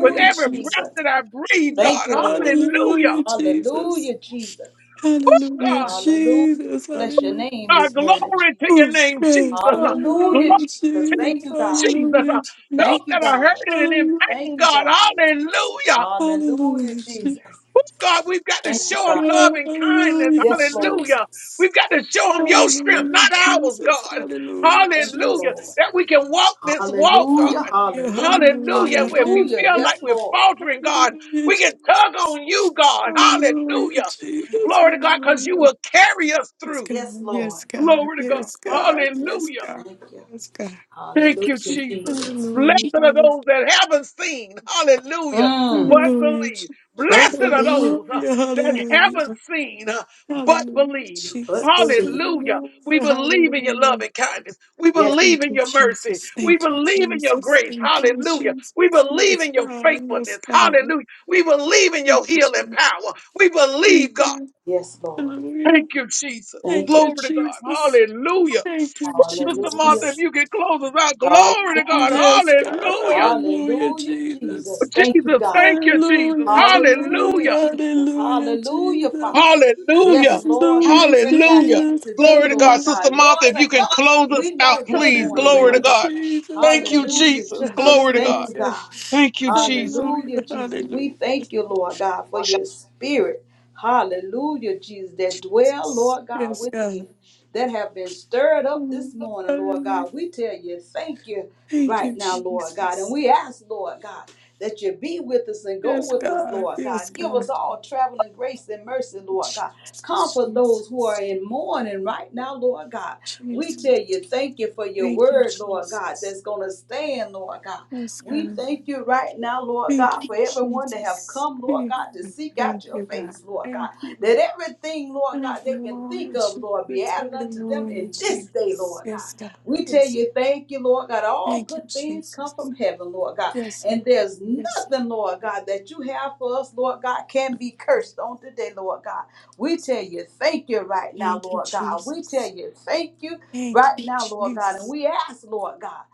Speaker 1: With every
Speaker 4: Jesus.
Speaker 1: breath
Speaker 3: Jesus.
Speaker 1: that I breathe,
Speaker 3: Thank
Speaker 1: God,
Speaker 3: you, Lord.
Speaker 1: hallelujah.
Speaker 4: Hallelujah, Jesus.
Speaker 3: Hallelujah, Jesus.
Speaker 4: Hallelujah,
Speaker 1: God.
Speaker 3: Hallelujah.
Speaker 4: Jesus.
Speaker 3: Bless your
Speaker 4: Hallelujah.
Speaker 3: name
Speaker 1: Uh,
Speaker 3: this morning, Jesus.
Speaker 1: glory to your
Speaker 4: Oh,
Speaker 1: name,
Speaker 4: God.
Speaker 1: Jesus. Uh, glory
Speaker 3: Hallelujah,
Speaker 4: Hallelujah,
Speaker 3: Jesus.
Speaker 1: to your name,
Speaker 3: Thank
Speaker 4: Jesus.
Speaker 3: you, God.
Speaker 1: Jesus. Uh,
Speaker 4: Hallelujah, Jesus.
Speaker 3: Thank
Speaker 1: those
Speaker 3: you,
Speaker 1: that are
Speaker 3: God.
Speaker 1: hurting and in
Speaker 4: Hallelujah,
Speaker 1: pain,
Speaker 3: Thank you,
Speaker 1: God,
Speaker 3: God.
Speaker 4: Jesus.
Speaker 1: hallelujah.
Speaker 3: Hallelujah,
Speaker 4: Hallelujah, Jesus.
Speaker 3: Jesus.
Speaker 1: Oh, God, we've got to
Speaker 3: Thank you,
Speaker 4: Oh,
Speaker 1: show
Speaker 3: God.
Speaker 1: them love
Speaker 4: God.
Speaker 1: and kindness.
Speaker 4: Hallelujah,
Speaker 3: Yes, Lord.
Speaker 1: Hallelujah.
Speaker 4: Jesus.
Speaker 1: We've got to show them your strength,
Speaker 3: Thank you.
Speaker 4: Hallelujah,
Speaker 1: not
Speaker 3: God.
Speaker 1: ours,
Speaker 4: Jesus.
Speaker 1: God.
Speaker 4: Hallelujah,
Speaker 3: Thank you,
Speaker 1: Hallelujah.
Speaker 3: Lord.
Speaker 4: Jesus.
Speaker 1: That we can walk this walk,
Speaker 3: Hallelujah,
Speaker 1: God.
Speaker 4: Hallelujah,
Speaker 3: hallelujah,
Speaker 1: Hallelujah.
Speaker 4: hallelujah,
Speaker 1: If we
Speaker 4: hallelujah.
Speaker 3: hallelujah.
Speaker 1: feel like
Speaker 3: Yes,
Speaker 1: we're
Speaker 3: Lord.
Speaker 1: faltering, God,
Speaker 4: Hallelujah,
Speaker 1: we can
Speaker 4: Jesus.
Speaker 1: tug on you, God.
Speaker 4: Hallelujah,
Speaker 1: Hallelujah.
Speaker 4: Jesus.
Speaker 1: Glory to God, because you
Speaker 4: Hallelujah.
Speaker 1: will carry us through.
Speaker 3: Yes, Lord.
Speaker 4: Yes, God.
Speaker 1: Glory to God.
Speaker 4: Yes, God. Yes,
Speaker 1: Hallelujah.
Speaker 4: God.
Speaker 3: Thank you.
Speaker 4: Yes, God.
Speaker 1: Thank you,
Speaker 4: Yes,
Speaker 3: Hallelujah,
Speaker 1: Jesus.
Speaker 4: God.
Speaker 3: Jesus.
Speaker 1: Blessed are
Speaker 4: Hallelujah.
Speaker 1: those that haven't seen, hallelujah,
Speaker 3: Mm.
Speaker 1: but
Speaker 4: Hallelujah,
Speaker 1: believe.
Speaker 4: Jesus.
Speaker 3: But
Speaker 1: Blessed are
Speaker 3: believe,
Speaker 1: those uh,
Speaker 4: Hallelujah,
Speaker 1: that haven't
Speaker 4: hallelujah.
Speaker 1: seen, uh, but
Speaker 4: Hallelujah,
Speaker 1: believe.
Speaker 3: but
Speaker 4: Jesus.
Speaker 3: believe.
Speaker 1: Hallelujah. We
Speaker 4: Hallelujah,
Speaker 1: believe in your love
Speaker 4: hallelujah.
Speaker 1: and kindness. We
Speaker 3: Yes,
Speaker 1: believe
Speaker 4: Thank
Speaker 1: in
Speaker 4: you,
Speaker 1: your mercy.
Speaker 4: Jesus.
Speaker 1: We
Speaker 4: Thank you,
Speaker 1: believe in your
Speaker 4: Jesus.
Speaker 1: grace.
Speaker 4: Thank you,
Speaker 1: Hallelujah.
Speaker 4: Jesus.
Speaker 1: We believe
Speaker 4: Yes,
Speaker 1: in your
Speaker 4: God. Yes,
Speaker 1: faithfulness.
Speaker 4: God.
Speaker 1: Hallelujah.
Speaker 4: Thank
Speaker 1: We believe in your
Speaker 4: you,
Speaker 1: healing
Speaker 4: Jesus.
Speaker 1: power. We
Speaker 4: Thank
Speaker 1: believe, God.
Speaker 4: you.
Speaker 3: yes, Lord.
Speaker 4: Hallelujah.
Speaker 1: Thank you, Jesus.
Speaker 3: Thank
Speaker 4: Thank
Speaker 3: you.
Speaker 4: you,
Speaker 1: Glory to God.
Speaker 4: Jesus.
Speaker 1: Hallelujah.
Speaker 4: Thank you,
Speaker 1: Oh, Sister Martha,
Speaker 3: Hallelujah,
Speaker 1: if
Speaker 4: Jesus.
Speaker 1: you can close us out, glory to God.
Speaker 3: hallelujah,
Speaker 4: Yes, God.
Speaker 1: Hallelujah.
Speaker 4: Hallelujah,
Speaker 3: hallelujah,
Speaker 4: Jesus.
Speaker 3: Jesus. Thank you,
Speaker 1: Jesus,
Speaker 3: God.
Speaker 1: thank you, Jesus.
Speaker 4: Hallelujah, Jesus.
Speaker 3: Hallelujah,
Speaker 1: Hallelujah.
Speaker 3: Jesus.
Speaker 4: Hallelujah,
Speaker 3: Hallelujah,
Speaker 4: Jesus.
Speaker 3: Father. Yes,
Speaker 1: Hallelujah.
Speaker 3: Lord, we
Speaker 4: Hallelujah,
Speaker 3: stretch our
Speaker 1: Hallelujah.
Speaker 3: hand
Speaker 4: Jesus.
Speaker 3: to thee,
Speaker 1: Glory to God.
Speaker 3: Lord
Speaker 4: Hallelujah.
Speaker 1: Sister
Speaker 3: God. No
Speaker 1: Martha, if
Speaker 3: other
Speaker 1: you can
Speaker 3: help
Speaker 1: close us
Speaker 3: we
Speaker 1: out,
Speaker 3: know this
Speaker 1: please.
Speaker 3: morning,
Speaker 1: Glory to
Speaker 4: Hallelujah,
Speaker 3: Lord
Speaker 1: God.
Speaker 3: God.
Speaker 4: Jesus.
Speaker 1: Thank you,
Speaker 3: Hallelujah,
Speaker 1: Jesus.
Speaker 4: Hallelujah.
Speaker 3: Jesus.
Speaker 1: Glory to
Speaker 3: Thank
Speaker 1: God.
Speaker 3: you,
Speaker 4: Hallelujah.
Speaker 3: God.
Speaker 1: Thank you, Jesus.
Speaker 4: Hallelujah.
Speaker 3: Hallelujah, Jesus. We
Speaker 4: Hallelujah.
Speaker 3: thank you, Lord God, for your spirit. Hallelujah, Jesus, that dwell,
Speaker 4: Jesus.
Speaker 3: Lord God,
Speaker 4: Yes, God.
Speaker 3: within that have been stirred up this
Speaker 4: Mm.
Speaker 3: morning, Lord
Speaker 4: Hallelujah.
Speaker 3: God. We tell you, thank you
Speaker 4: Thank
Speaker 3: right
Speaker 4: you,
Speaker 3: now, Lord God. And
Speaker 4: Jesus.
Speaker 3: we ask, Lord God, that you be with us and go
Speaker 4: Yes,
Speaker 3: with us,
Speaker 4: God.
Speaker 3: Lord
Speaker 4: Yes,
Speaker 3: God. Give us
Speaker 4: God.
Speaker 3: all traveling grace and mercy, Lord
Speaker 4: Jesus.
Speaker 3: God. Comfort
Speaker 4: Jesus.
Speaker 3: those who are in mourning right now, Lord God. We
Speaker 4: Jesus.
Speaker 3: tell you, thank you for your
Speaker 4: Thank you,
Speaker 3: word, Lord God,
Speaker 4: Jesus.
Speaker 3: that's going to stand, Lord God.
Speaker 4: Yes,
Speaker 3: We
Speaker 4: God.
Speaker 3: thank you right now, Lord
Speaker 4: Thank
Speaker 3: God,
Speaker 4: you,
Speaker 3: for everyone that have
Speaker 4: Jesus.
Speaker 3: come, Lord
Speaker 4: Thank
Speaker 3: God, to
Speaker 4: you,
Speaker 3: seek out
Speaker 4: Thank
Speaker 3: your
Speaker 4: you, God.
Speaker 3: face, Lord God.
Speaker 4: Thank you.
Speaker 3: That everything, Lord God, they can
Speaker 4: Hallelujah,
Speaker 3: think of, Lord, be
Speaker 4: Jesus.
Speaker 3: added unto them
Speaker 4: Hallelujah,
Speaker 3: in this day,
Speaker 4: Jesus.
Speaker 3: Lord God.
Speaker 4: Yes, God.
Speaker 3: We tell
Speaker 4: Yes.
Speaker 3: you, thank you, Lord God. All
Speaker 4: Thank you,
Speaker 3: good things come
Speaker 4: Jesus.
Speaker 3: from heaven, Lord God.
Speaker 4: Yes,
Speaker 3: And there's
Speaker 4: yes.
Speaker 3: nothing, Lord God, that you have for us, Lord God, can be cursed on today, Lord God. We tell you, thank you right now,
Speaker 4: Thank you,
Speaker 3: Lord God. We tell
Speaker 4: Jesus.
Speaker 3: you, thank you
Speaker 4: Thank
Speaker 3: right
Speaker 4: you,
Speaker 3: now, Lord God. And
Speaker 4: Jesus.
Speaker 3: we ask, Lord God,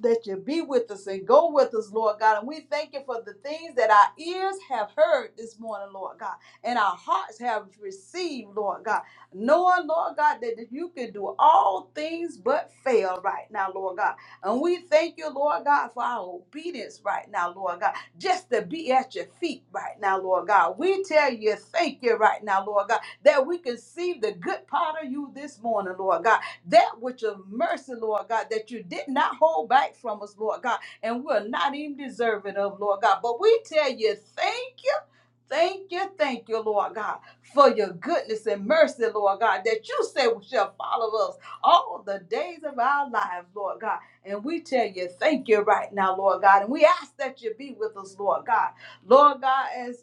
Speaker 3: that you be with us and go with us, Lord God. And we thank you for the things that our ears have heard this morning, Lord God and our hearts have received, Lord God. Knowing, Lord God, that you can do all things but fail right now, Lord God. And we thank you, Lord God, for our obedience right now, Lord God. Just to be at your feet right now, Lord God. We tell you, thank you right now, Lord God, that we can see the good part of you this morning, Lord God. That which of mercy, Lord God, that you did not hold back from us, Lord God. And we're not even deserving of, Lord God. But we tell you, thank Thank you, thank you, Lord God, for your goodness and mercy, Lord God, that you say shall follow us all the days of our lives, Lord God. And we tell you, thank you right now, Lord God. And we ask that you be with us, Lord God. Lord God, as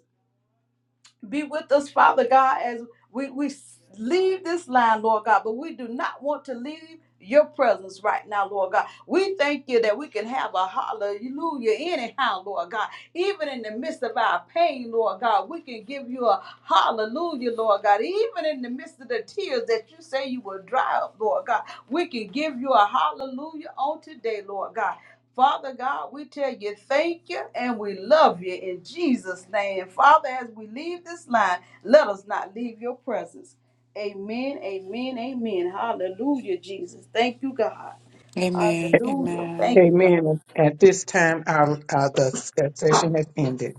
Speaker 3: be with us, Father God, as we, we leave this line, Lord God, but we do not want to leave your presence right now, Lord God. We thank you that we can have a hallelujah anyhow, Lord God. Even in the midst of our pain, Lord God, we can give you a hallelujah, Lord God. Even in the midst of the tears that you say you will dry up, Lord God, we can give you a hallelujah on today, Lord God. Father God, we tell you thank you and we love you in Jesus' name. Father, as we leave this line, let us not leave your presence. Amen, amen, amen. Hallelujah, Jesus. Thank you, God.
Speaker 4: Amen.
Speaker 3: Hallelujah.
Speaker 4: Amen.
Speaker 3: Thank you, God.
Speaker 1: Amen. At this time, our, our the session has ended.